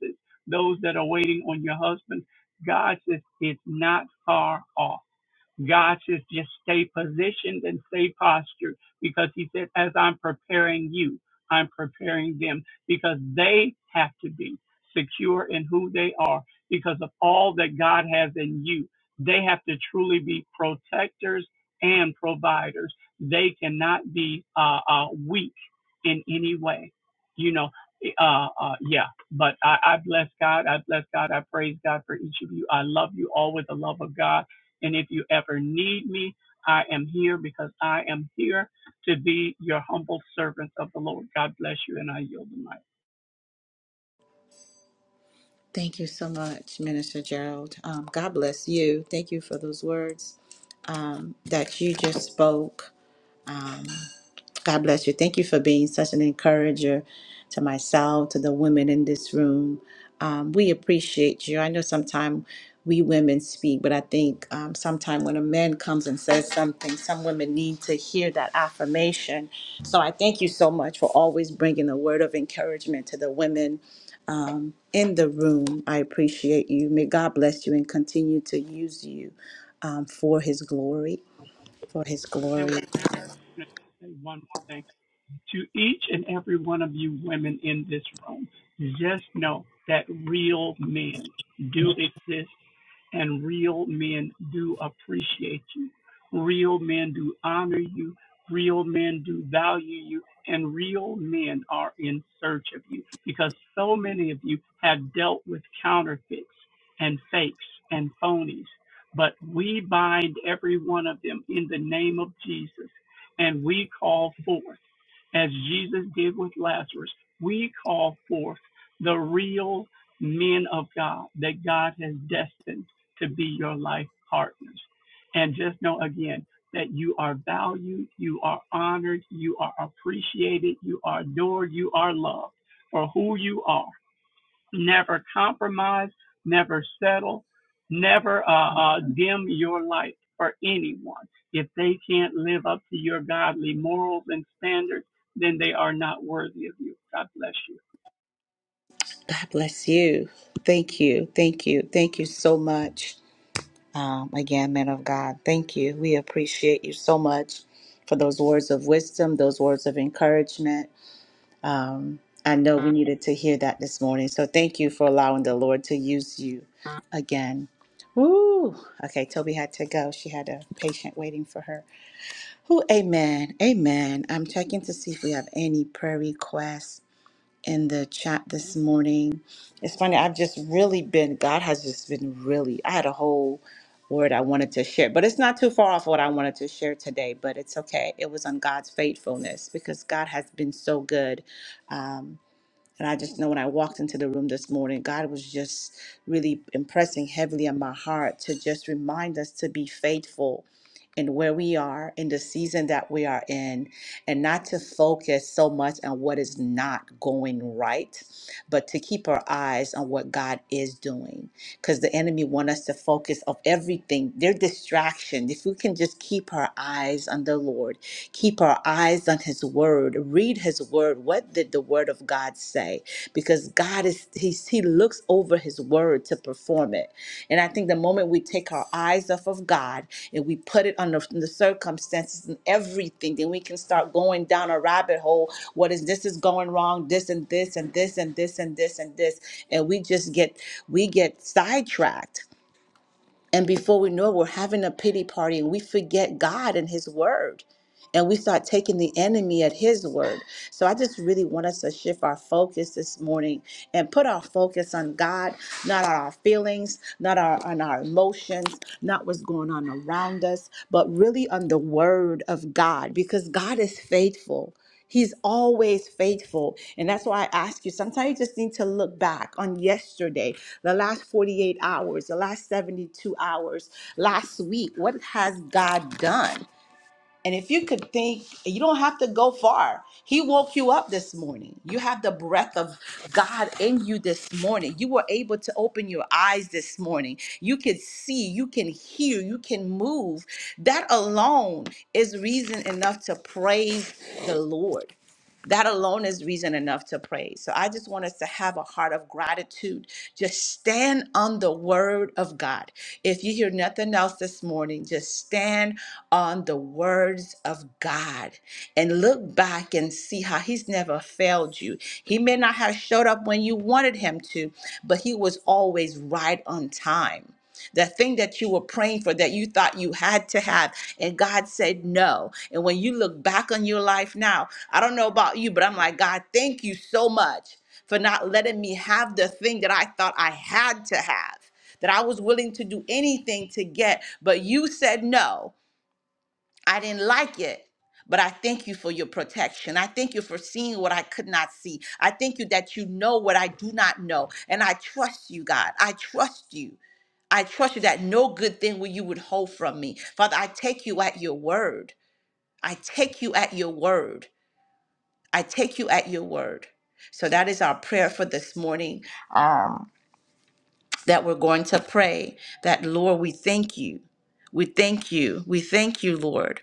those that are waiting on your husband, God says, it's not far off. God says, just stay positioned and stay postured because He said, as I'm preparing you, I'm preparing them because they have to be secure in who they are because of all that God has in you. They have to truly be protectors and providers. They cannot be uh, uh, weak in any way. You know, uh, uh, yeah, but I, I bless God. I bless God. I praise God for each of you. I love you all with the love of God. And if you ever need me, I am here because I am here to be your humble servant of the Lord. God bless you, and I yield the mic. Thank you so much, Minister Gerald. Um, God bless you. Thank you for those words um, that you just spoke. Um, God bless you. Thank you for being such an encourager to myself, to the women in this room. Um, we appreciate you. I know sometimes we women speak, but I think um, sometimes when a man comes and says something, some women need to hear that affirmation. So I thank you so much for always bringing a word of encouragement to the women in the room. I appreciate you. May God bless you and continue to use you um, for His glory. For His And glory. say one more thing to each and every one of you women in this room. Just know that real men do exist and real men do appreciate you. Real men do honor you. Real men do value you. And real men are in search of you because so many of you have dealt with counterfeits and fakes and phonies. But we bind every one of them in the name of Jesus and we call forth, as Jesus did with Lazarus, we call forth the real men of God that God has destined to be your life partners. And just know again that you are valued, you are honored, you are appreciated, you are adored, you are loved for who you are. Never compromise, never settle, never uh, uh, dim your light for anyone. If they can't live up to your godly morals and standards, then they are not worthy of you. God bless you. God bless you. Thank you. Thank you. Thank you so much. Um, again, man of God, thank you. We appreciate you so much for those words of wisdom, those words of encouragement. Um, I know we needed to hear that this morning. So thank you for allowing the Lord to use you again. Woo! Okay, Toby had to go. She had a patient waiting for her. Who, amen. Amen. I'm checking to see if we have any prayer requests in the chat this morning. It's funny, I've just really been, God has just been really, I had a whole word I wanted to share, but it's not too far off what I wanted to share today, but it's okay. It was on God's faithfulness because God has been so good. Um, and I just know when I walked into the room this morning, God was just really impressing heavily on my heart to just remind us to be faithful in where we are, in the season that we are in, and not to focus so much on what is not going right, but to keep our eyes on what God is doing. Because the enemy want us to focus of everything, their distraction. If we can just keep our eyes on the Lord keep our eyes on his word read his word what did the word of god say because god is he, he looks over his word to perform it and i think the moment we take our eyes off of god and we put it on the, the circumstances and everything then we can start going down a rabbit hole what is this is going wrong this and this and this and this and this and this and we just get we get sidetracked and before we know it, we're having a pity party and we forget God and His word. And we start taking the enemy at His word. So I just really want us to shift our focus this morning and put our focus on God, not on our feelings, not our, on our emotions, not what's going on around us, but really on the word of God because God is faithful. He's always faithful. And that's why I ask you sometimes you just need to look back on yesterday, the last 48 hours, the last 72 hours, last week. What has God done? And if you could think, you don't have to go far. He woke you up this morning. You have the breath of God in you this morning. You were able to open your eyes this morning. You could see, you can hear, you can move. That alone is reason enough to praise the Lord. That alone is reason enough to praise. So I just want us to have a heart of gratitude. Just stand on the word of God. If you hear nothing else this morning, just stand on the words of God and look back and see how He's never failed you. He may not have showed up when you wanted Him to, but He was always right on time that thing that you were praying for that you thought you had to have and god said no and when you look back on your life now i don't know about you but i'm like god thank you so much for not letting me have the thing that i thought i had to have that i was willing to do anything to get but you said no i didn't like it but I thank you for your protection. I thank you for seeing what I could not see. I thank you that you know what I do not know. And I trust you, God. I trust you. I trust you that no good thing will you withhold from me. Father, I take you at your word. I take you at your word. I take you at your word. So that is our prayer for this morning um, that we're going to pray that, Lord, we thank you. We thank you. We thank you, Lord.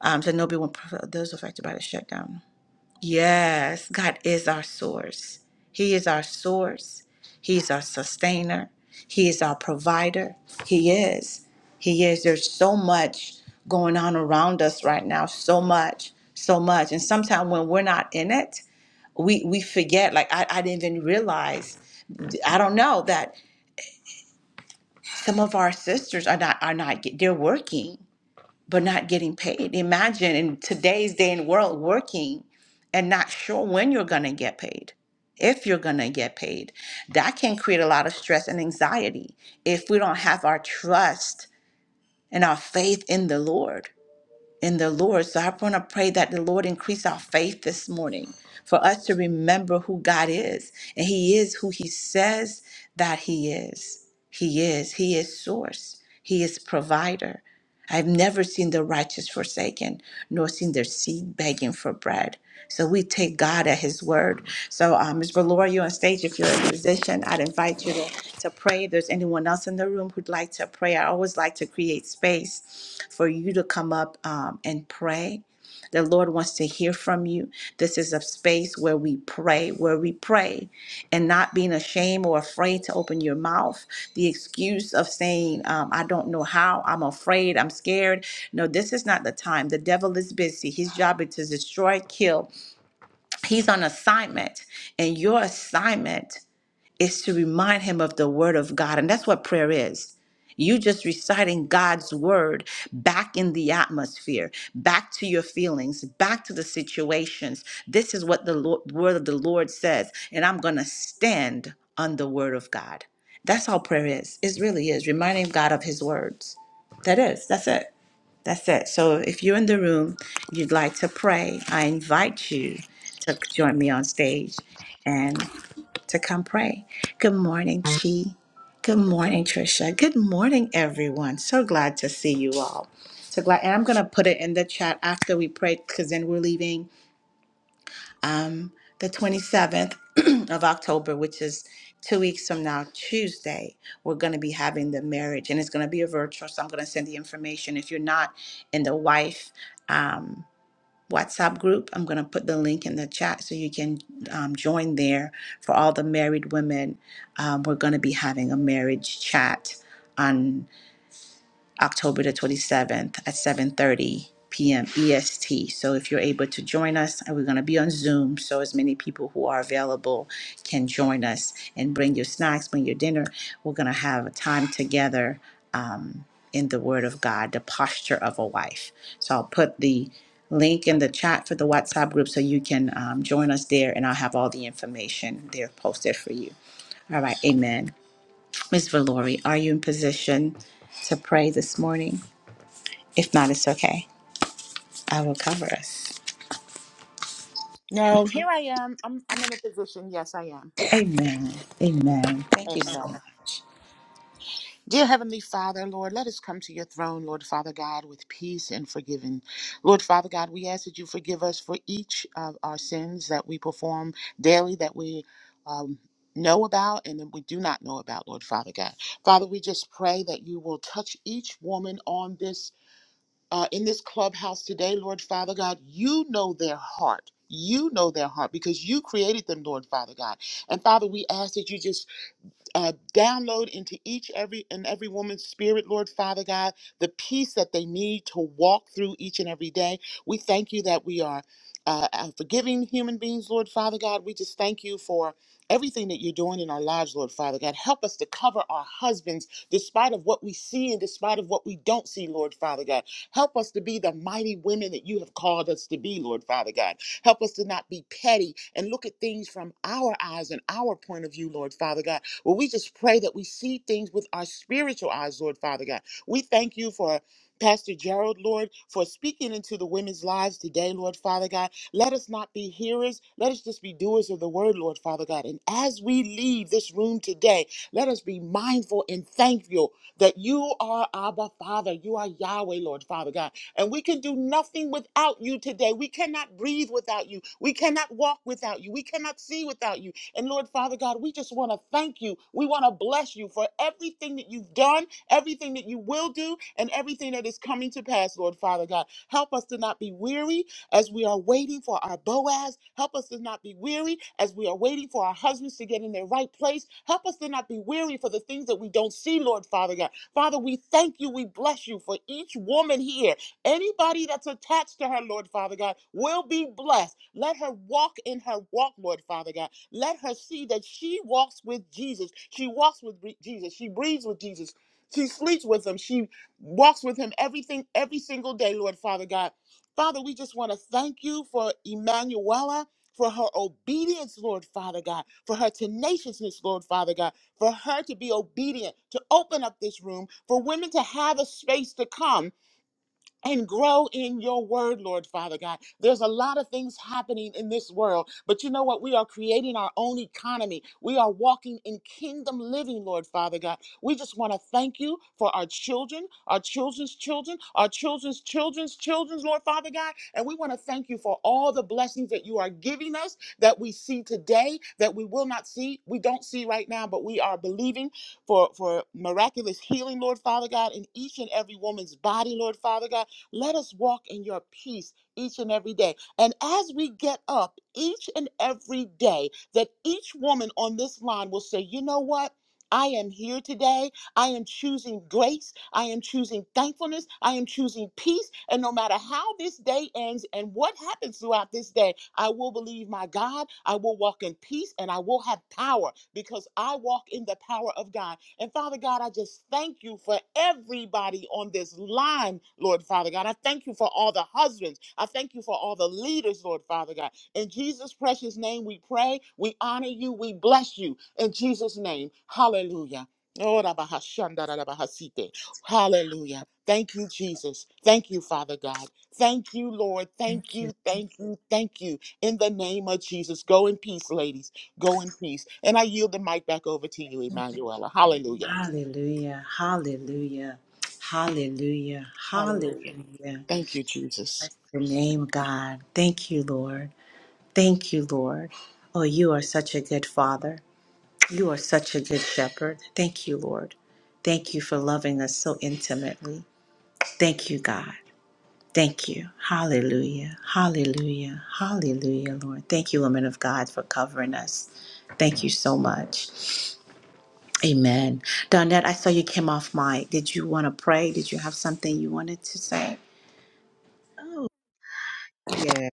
Um, so nobody will, those affected by the shutdown. Yes, God is our source. He is our source. He's our sustainer. He is our provider. He is. He is. There's so much going on around us right now. So much. So much. And sometimes when we're not in it, we, we forget. Like I, I didn't even realize. I don't know that some of our sisters are not are not. They're working but not getting paid. Imagine in today's day and world working and not sure when you're going to get paid, if you're going to get paid. That can create a lot of stress and anxiety if we don't have our trust and our faith in the Lord. In the Lord. So I want to pray that the Lord increase our faith this morning for us to remember who God is. And He is who He says that He is. He is. He is source. He is provider. I've never seen the righteous forsaken, nor seen their seed begging for bread. So we take God at His word. So, um, Ms. Valora, you're on stage. If you're a musician, I'd invite you to, to pray. If there's anyone else in the room who'd like to pray, I always like to create space for you to come up um, and pray. The Lord wants to hear from you. This is a space where we pray, where we pray and not being ashamed or afraid to open your mouth. The excuse of saying, um, I don't know how, I'm afraid, I'm scared. No, this is not the time. The devil is busy. His job is to destroy, kill. He's on assignment, and your assignment is to remind him of the word of God. And that's what prayer is. You just reciting God's word back in the atmosphere, back to your feelings, back to the situations. This is what the Lord, word of the Lord says, and I'm going to stand on the word of God. That's all prayer is. It really is reminding God of his words. That is. That's it. That's it. So if you're in the room, you'd like to pray, I invite you to join me on stage. and to come pray. Good morning, Chi. Good morning, Trisha. Good morning, everyone. So glad to see you all. So glad. And I'm going to put it in the chat after we pray because then we're leaving um, the 27th of October, which is two weeks from now, Tuesday. We're going to be having the marriage and it's going to be a virtual. So I'm going to send the information. If you're not in the wife, um, WhatsApp group. I'm going to put the link in the chat so you can um, join there for all the married women. Um, we're going to be having a marriage chat on. October the 27th at 7:30 p.m. EST. So if you're able to join us, and we're going to be on Zoom, so as many people who are available can join us and bring your snacks, bring your dinner. We're going to have a time together um, in the Word of God, the posture of a wife. So I'll put the link in the chat for the WhatsApp group so you can um, join us there, and I'll have all the information there posted for you. All right, Amen. Ms. Valori, are you in position to pray this morning? If not, it's okay. I will cover us. No, here I am. I'm I'm in a position. Yes, I am. Amen. Amen. Thank you so Amen. much. Dear Heavenly Father, Lord, let us come to your throne, Lord Father God, with peace and forgiving. Lord Father God, we ask that you forgive us for each of our sins that we perform daily that we um, know about and that we do not know about, Lord Father God. Father, we just pray that you will touch each woman on this uh, in this clubhouse today, Lord Father God. You know their heart. You know their heart because you created them, Lord Father God. And Father, we ask that you just uh, download into each every and every woman's spirit lord father god the peace that they need to walk through each and every day we thank you that we are uh, uh, forgiving human beings lord father god we just thank you for everything that you're doing in our lives lord father god help us to cover our husbands despite of what we see and despite of what we don't see lord father god help us to be the mighty women that you have called us to be lord father god help us to not be petty and look at things from our eyes and our point of view lord father god well, we just pray that we see things with our spiritual eyes, Lord Father God. We thank you for Pastor Gerald, Lord, for speaking into the women's lives today, Lord Father God. Let us not be hearers. Let us just be doers of the word, Lord Father God. And as we leave this room today, let us be mindful and thankful that you are Abba Father. You are Yahweh, Lord Father God. And we can do nothing without you today. We cannot breathe without you. We cannot walk without you. We cannot see without you. And Lord Father God, we just want to thank you. We want to bless you for everything that you've done, everything that you will do, and everything that is coming to pass, Lord Father God. Help us to not be weary as we are waiting for our Boaz. Help us to not be weary as we are waiting for our husbands to get in their right place. Help us to not be weary for the things that we don't see, Lord Father God. Father, we thank you. We bless you for each woman here. Anybody that's attached to her, Lord Father God, will be blessed. Let her walk in her walk, Lord Father God. Let her see that she walks with Jesus. She walks with re- Jesus. She breathes with Jesus. She sleeps with him. She walks with him everything, every single day, Lord Father God. Father, we just want to thank you for Emanuela, for her obedience, Lord Father God, for her tenaciousness, Lord Father God, for her to be obedient, to open up this room, for women to have a space to come and grow in your word, Lord Father God. There's a lot of things happening in this world, but you know what? We are creating our own economy. We are walking in kingdom living, Lord Father God. We just want to thank you for our children, our children's children, our children's children's children's, Lord Father God. And we want to thank you for all the blessings that you are giving us that we see today, that we will not see, we don't see right now, but we are believing for, for miraculous healing, Lord Father God, in each and every woman's body, Lord Father God let us walk in your peace each and every day. And as we get up each and every day, that each woman on this line will say, you know what? I am here today I am choosing grace. I am choosing thankfulness. I am choosing peace. And no matter how this day ends and what happens throughout this day, I will believe my God. I will walk in peace and I will have power because I walk in the power of God. And Father God, I just thank you for everybody on this line, Lord Father God. I thank you for all the husbands. I thank you for all the leaders, Lord Father God. In Jesus' precious name, we pray. We honor you. We bless you. In Jesus' name, hallelujah. Oh, rabahashandarabahasite. Hallelujah. Thank you, Jesus. Thank you, Father God. Thank you, Lord. Thank Thank you. you, thank you, thank you. In the name of Jesus, go in peace, ladies. Go in peace. And I yield the mic back over to you, Emanuela. Hallelujah. Hallelujah. Hallelujah. Hallelujah. Hallelujah. Hallelujah. Thank you, Jesus. Bless your name, God. Thank you, Lord. Thank you, Lord. Oh, you are such a good father. You are such a good shepherd. Thank you, Lord. Thank you for loving us so intimately. Thank you, God. Thank you. Hallelujah. Hallelujah. Hallelujah, Lord. Thank you, women of God, for covering us. Thank you so much. Amen. Donette, I saw you came off mic. Did you want to pray? Did you have something you wanted to say? Oh, yeah.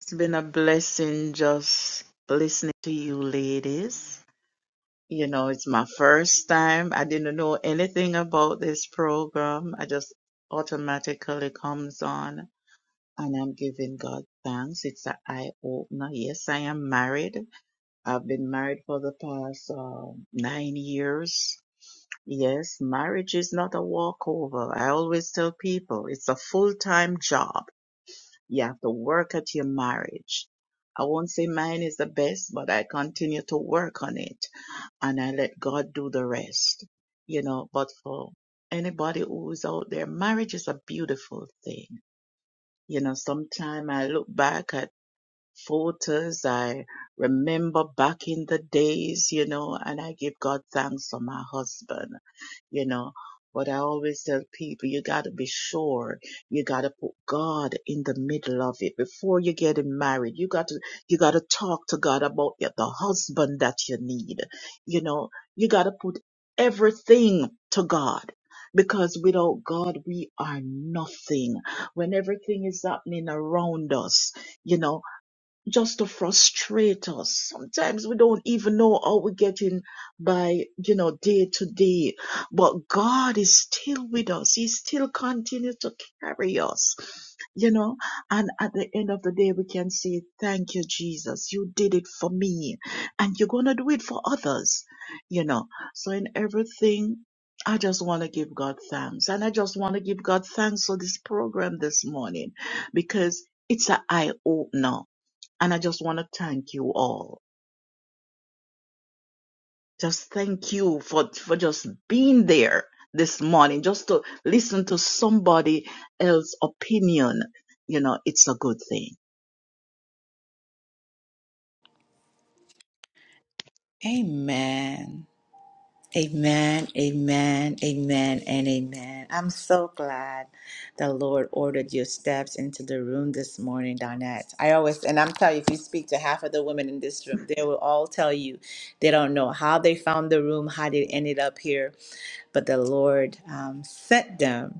It's been a blessing just listening to you ladies. You know, it's my first time. I didn't know anything about this program. I just automatically comes on and I'm giving God thanks. It's an eye opener. Yes, I am married. I've been married for the past um, nine years. Yes, marriage is not a walkover. I always tell people it's a full-time job. You have to work at your marriage. I won't say mine is the best, but I continue to work on it and I let God do the rest. You know, but for anybody who is out there, marriage is a beautiful thing. You know, sometime I look back at photos, I remember back in the days, you know, and I give God thanks for my husband you know. But I always tell people, you gotta be sure. You gotta put God in the middle of it before you get married. You gotta, you gotta talk to God about the husband that you need. You know, you gotta put everything to God because without God, we are nothing. When everything is happening around us, you know, just to frustrate us. Sometimes we don't even know how we're getting by, you know, day to day. But God is still with us. He still continues to carry us, you know. And at the end of the day, we can say, thank you, Jesus. You did it for me. And you're going to do it for others, you know. So in everything, I just want to give God thanks. And I just want to give God thanks for this program this morning because it's an eye opener and I just want to thank you all. Just thank you for, for just being there this morning, just to listen to somebody else's opinion. You know, it's a good thing. Amen. Amen, amen, amen, and amen. I'm so glad the Lord ordered your steps into the room this morning, Donette. I always, and I'm telling you, if you speak to half of the women in this room, they will all tell you they don't know how they found the room, how they ended up here, but the Lord um, sent them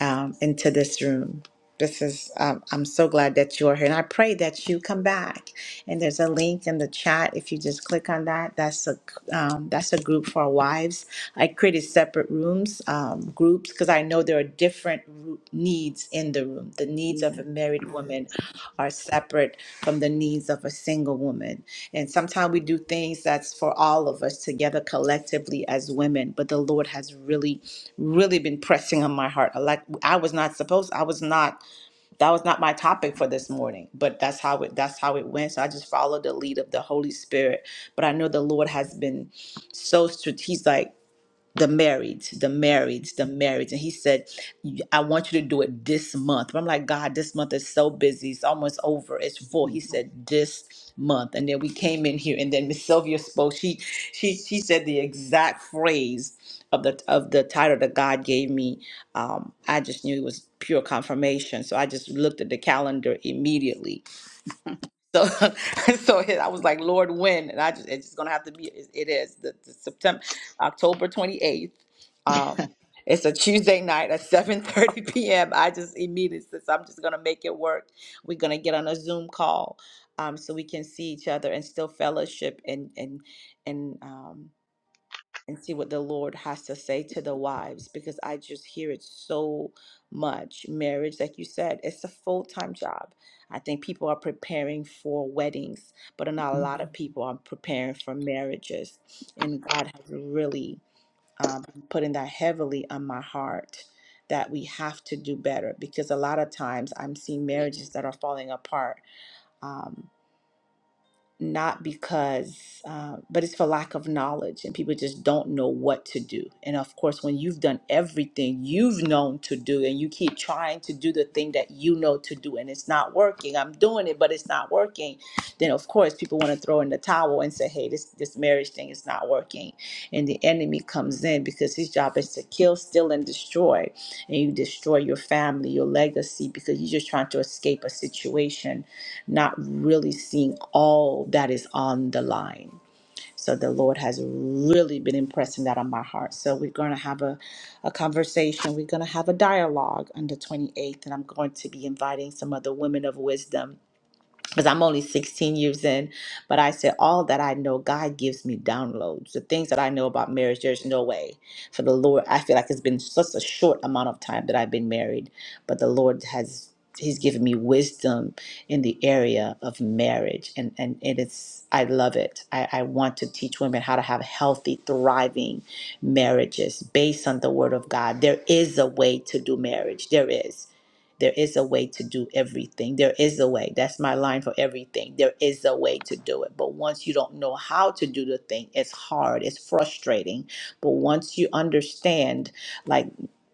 um, into this room. This is, um, I'm so glad that you are here. And I pray that you come back. And there's a link in the chat. If you just click on that, that's a, um, that's a group for wives. I created separate rooms, um, groups, because I know there are different ru- needs in the room. The needs Yeah. of a married woman are separate from the needs of a single woman. And sometimes we do things that's for all of us together collectively as women, but the Lord has really really been pressing on my heart. Like I was not supposed, I was not, that was not my topic for this morning, but that's how it, that's how it went. So I just followed the lead of the Holy Spirit. But I know the Lord has been so strategic. He's like, the marriage, the marriage, the marriage. And he said, I want you to do it this month. But I'm like, God, this month is so busy. It's almost over. It's full. He said, this month. And then we came in here and then Miss Sylvia spoke. She she she said the exact phrase of the of the title that God gave me. Um, I just knew it was pure confirmation. So I just looked at the calendar immediately so, so it- I was like, Lord, when? And I just, it's just gonna have to be. It, it is the, the September, October twenty eighth. Um, it's a Tuesday night at seven thirty p.m. I just immediately said, I'm just gonna make it work. We're gonna get on a Zoom call, um, so we can see each other and still fellowship and and and um and see what the Lord has to say to the wives because I just hear it so much. Marriage, like you said, it's a full time job. I think people are preparing for weddings, but not a lot of people are preparing for marriages. And God has really um, been putting that heavily on my heart that we have to do better because a lot of times I'm seeing marriages that are falling apart Um, not because, uh, but it's for lack of knowledge, and people just don't know what to do. And of course, when you've done everything you've known to do, and you keep trying to do the thing that you know to do, and it's not working, I'm doing it, but it's not working, then of course, people want to throw in the towel and say, hey, this, this marriage thing is not working. And the enemy comes in because his job is to kill, steal, and destroy. And you destroy your family, your legacy, because you're just trying to escape a situation not really seeing all that is on the line. So the Lord has really been impressing that on my heart. So we're going to have a, a conversation. We're going to have a dialogue on the 28th, and I'm going to be inviting some other women of wisdom because I'm only 16 years in, but I said, All that I know, God gives me downloads. The things that I know about marriage, there's no way for the Lord. I feel like it's been such a short amount of time that I've been married, but the Lord has. He's given me wisdom in the area of marriage, and and it is I love it. I, I want to teach women how to have healthy, thriving marriages based on the Word of God. There is a way to do marriage. There is. There is a way to do everything. There is a way. That's my line for everything. There is a way to do it. But once you don't know how to do the thing, it's hard, it's frustrating. But once you understand, like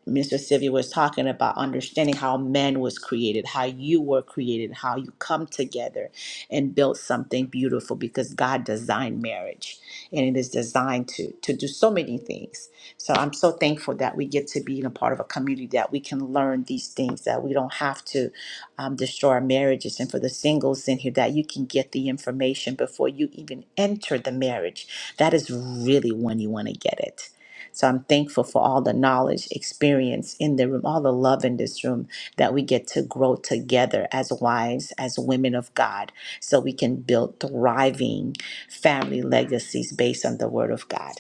Mr. Sivy was talking about, understanding how man was created, how you were created, how you come together and build something beautiful because God designed marriage and it is designed to, to do so many things. So I'm so thankful that we get to be in a part of a community that we can learn these things, that we don't have to um, destroy our marriages. And for the singles in here, that you can get the information before you even enter the marriage. That is really when you want to get it. So I'm thankful for all the knowledge, experience in the room, all the love in this room that we get to grow together as wives, as women of God, so we can build thriving family legacies based on the word of God.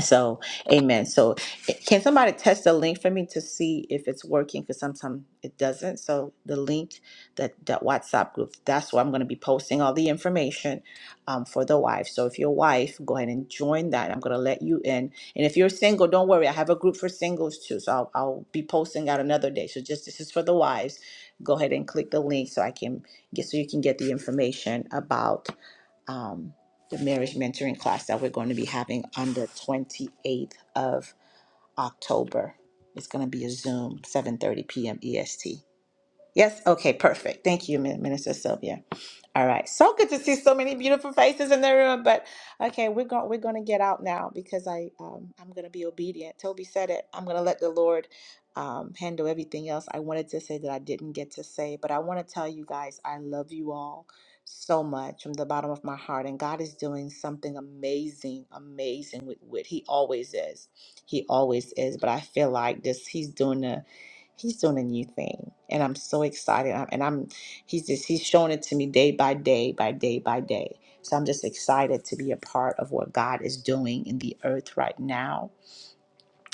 So, amen. So, eh, can somebody test the link for me to see if it's working? Because sometimes it doesn't. So, the link that that WhatsApp group that's where I'm going to be posting all the information um, for the wife. So, if you're a wife, go ahead and join that. I'm going to let you in. And if you're single, don't worry. I have a group for singles too. So, I'll, I'll be posting out another day. So, just this is for the wives. Go ahead and click the link so I can get so you can get the information about um, the marriage mentoring class that we're going to be having on the 28th of October. It's going to be a Zoom, 7:30 p.m. EST. Yes? Okay, perfect. Thank you, Min- Minister Sylvia. All right. So good to see so many beautiful faces in the room. But okay, we're going we're gonna get out now because I um, I'm gonna be obedient. Toby said it. I'm gonna let the Lord um, handle everything else. I wanted to say that I didn't get to say, but I want to tell you guys I love you all so much from the bottom of my heart. And God is doing something amazing, amazing with what He always is. He always is. But I feel like this He's doing a He's doing a new thing, and I'm so excited. I'm- And I'm, he's just, he's showing it to me day by day, by day by day. So I'm just excited to be a part of what God is doing in the earth right now.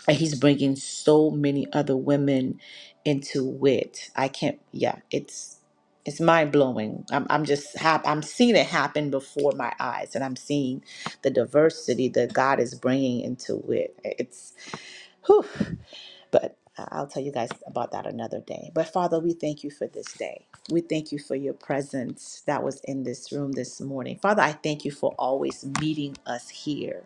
And he's bringing so many other women into it. I can't, yeah, it's, it's mind blowing. I'm, I'm just, hap- I'm seeing it happen before my eyes, and I'm seeing the diversity that God is bringing into it. It's, whew. But I- will tell you guys about that another day. But Father, we thank you for this day. We thank you for your presence that was in this room this morning. Father, I thank you for always meeting us here.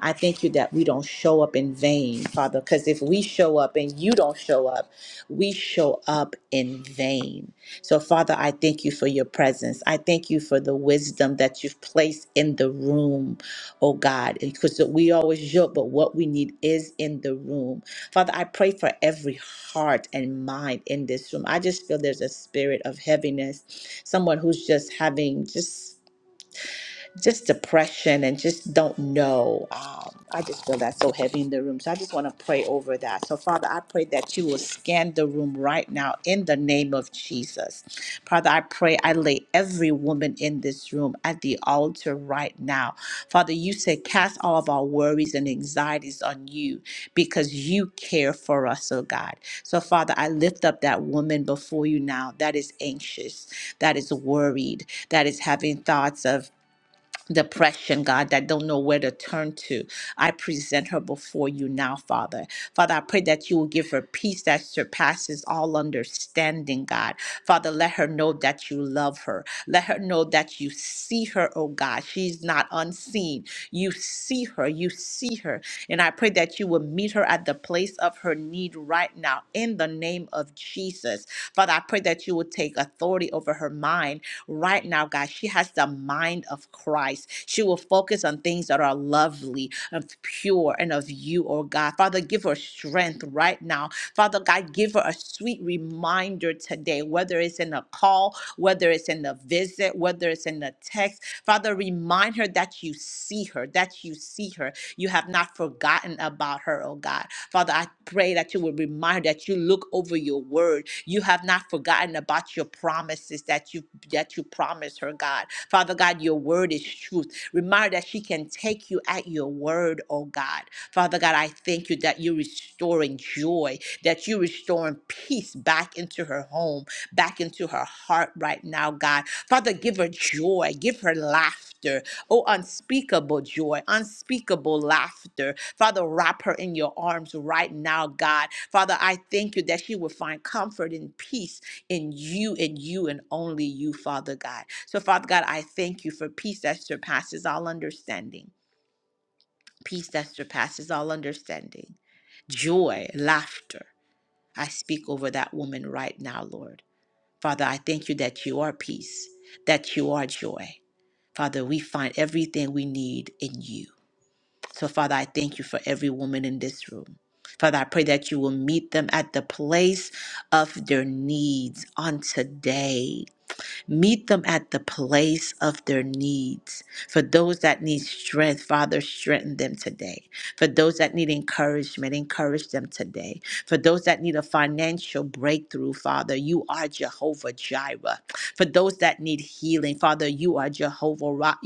I thank you that we don't show up in vain, Father, because if we show up and you don't show up, we show up in vain. So, Father, I thank you for your presence. I thank you for the wisdom that you've placed in the room, oh God, because we always joke, but what we need is in the room. Father, I pray for every heart and mind in this room. I just feel there's a spirit of heaviness, someone who's just having just just depression and just don't know. Um, I just feel that so heavy in the room. So I just want to pray over that. So, Father, I pray that you will scan the room right now in the name of Jesus. Father, I pray I lay every woman in this room at the altar right now. Father, you said, cast all of our worries and anxieties on you because you care for us, oh God. So, Father, I lift up that woman before you now that is anxious, that is worried, that is having thoughts of depression, God, that don't know where to turn to. I present her before you now, Father. Father, I pray that you will give her peace that surpasses all understanding, God. Father, let her know that you love her. Let her know that you see her, oh God. She's not unseen. You see her. You see her. And I pray that you will meet her at the place of her need right now in the name of Jesus. Father, I pray that you will take authority over her mind right now, God. She has the mind of Christ. She will focus on things that are lovely and pure and of you, oh God. Father, give her strength right now. Father God, give her a sweet reminder today, whether it's in a call, whether it's in a visit, whether it's in a text. Father, remind her that you see her, that you see her, you have not forgotten about her, oh God. Father, I pray that you will remind her, that you look over your word. You have not forgotten about your promises that you that you promised her, God. Father God, your word is truth. Remind her that she can take you at your word, oh God. Father God, I thank you that you're restoring joy, that you're restoring peace back into her home, back into her heart right now, God. Father, give her joy, give her laughter, Oh, unspeakable joy, unspeakable laughter. Father, wrap her in your arms right now, God. Father, I thank you that she will find comfort and peace in you and you and only you, Father God. So, Father God, I thank you for peace that surpasses all understanding, peace that surpasses all understanding, joy, laughter. I speak over that woman right now, Lord. Father, I thank you that you are peace, that you are joy. Father, we find everything we need in you. So, Father, I thank you for every woman in this room. Father, I pray that you will meet them at the place of their needs on today. Meet them at the place of their needs. For those that need strength, Father, strengthen them today. For those that need encouragement, encourage them today. For those that need a financial breakthrough, Father, you are Jehovah Jireh. For those that need healing, Father, you are Jehovah Ra-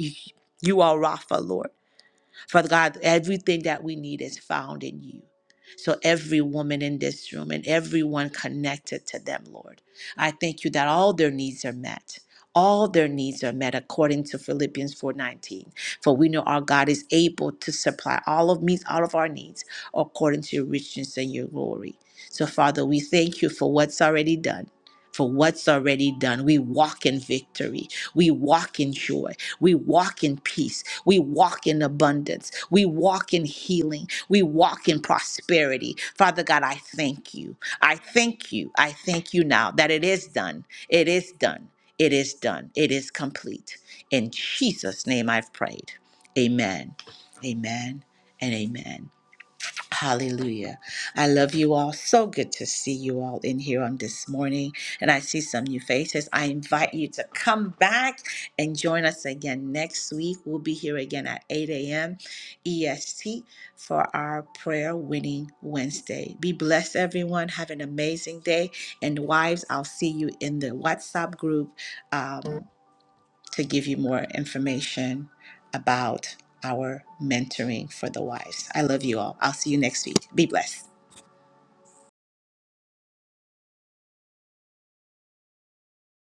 You are Rapha, Lord. Father God, everything that we need is found in you. So every woman in this room and everyone connected to them, Lord, I thank you that all their needs are met. All their needs are met according to Philippians 4:19. For we know our God is able to supply all of me all of our needs according to your riches and your glory. So Father, we thank you for what's already done. For what's already done. We walk in victory. We walk in joy. We walk in peace. We walk in abundance. We walk in healing. We walk in prosperity. Father God, I thank you. I thank you. I thank you now that it is done. It is done. It is done. It is complete. In Jesus' name I've prayed. Amen. Amen and amen. Hallelujah. I love you all. So good to see you all in here on this morning. And I see some new faces. I invite you to come back and join us again next week. We'll be here again at 8 a.m. EST for our Prayer Winning Wednesday. Be blessed, everyone. Have an amazing day. And wives, I'll see you in the WhatsApp group. um, to give you more information about our mentoring for the wives. I love you all. I'll see you next week. Be blessed.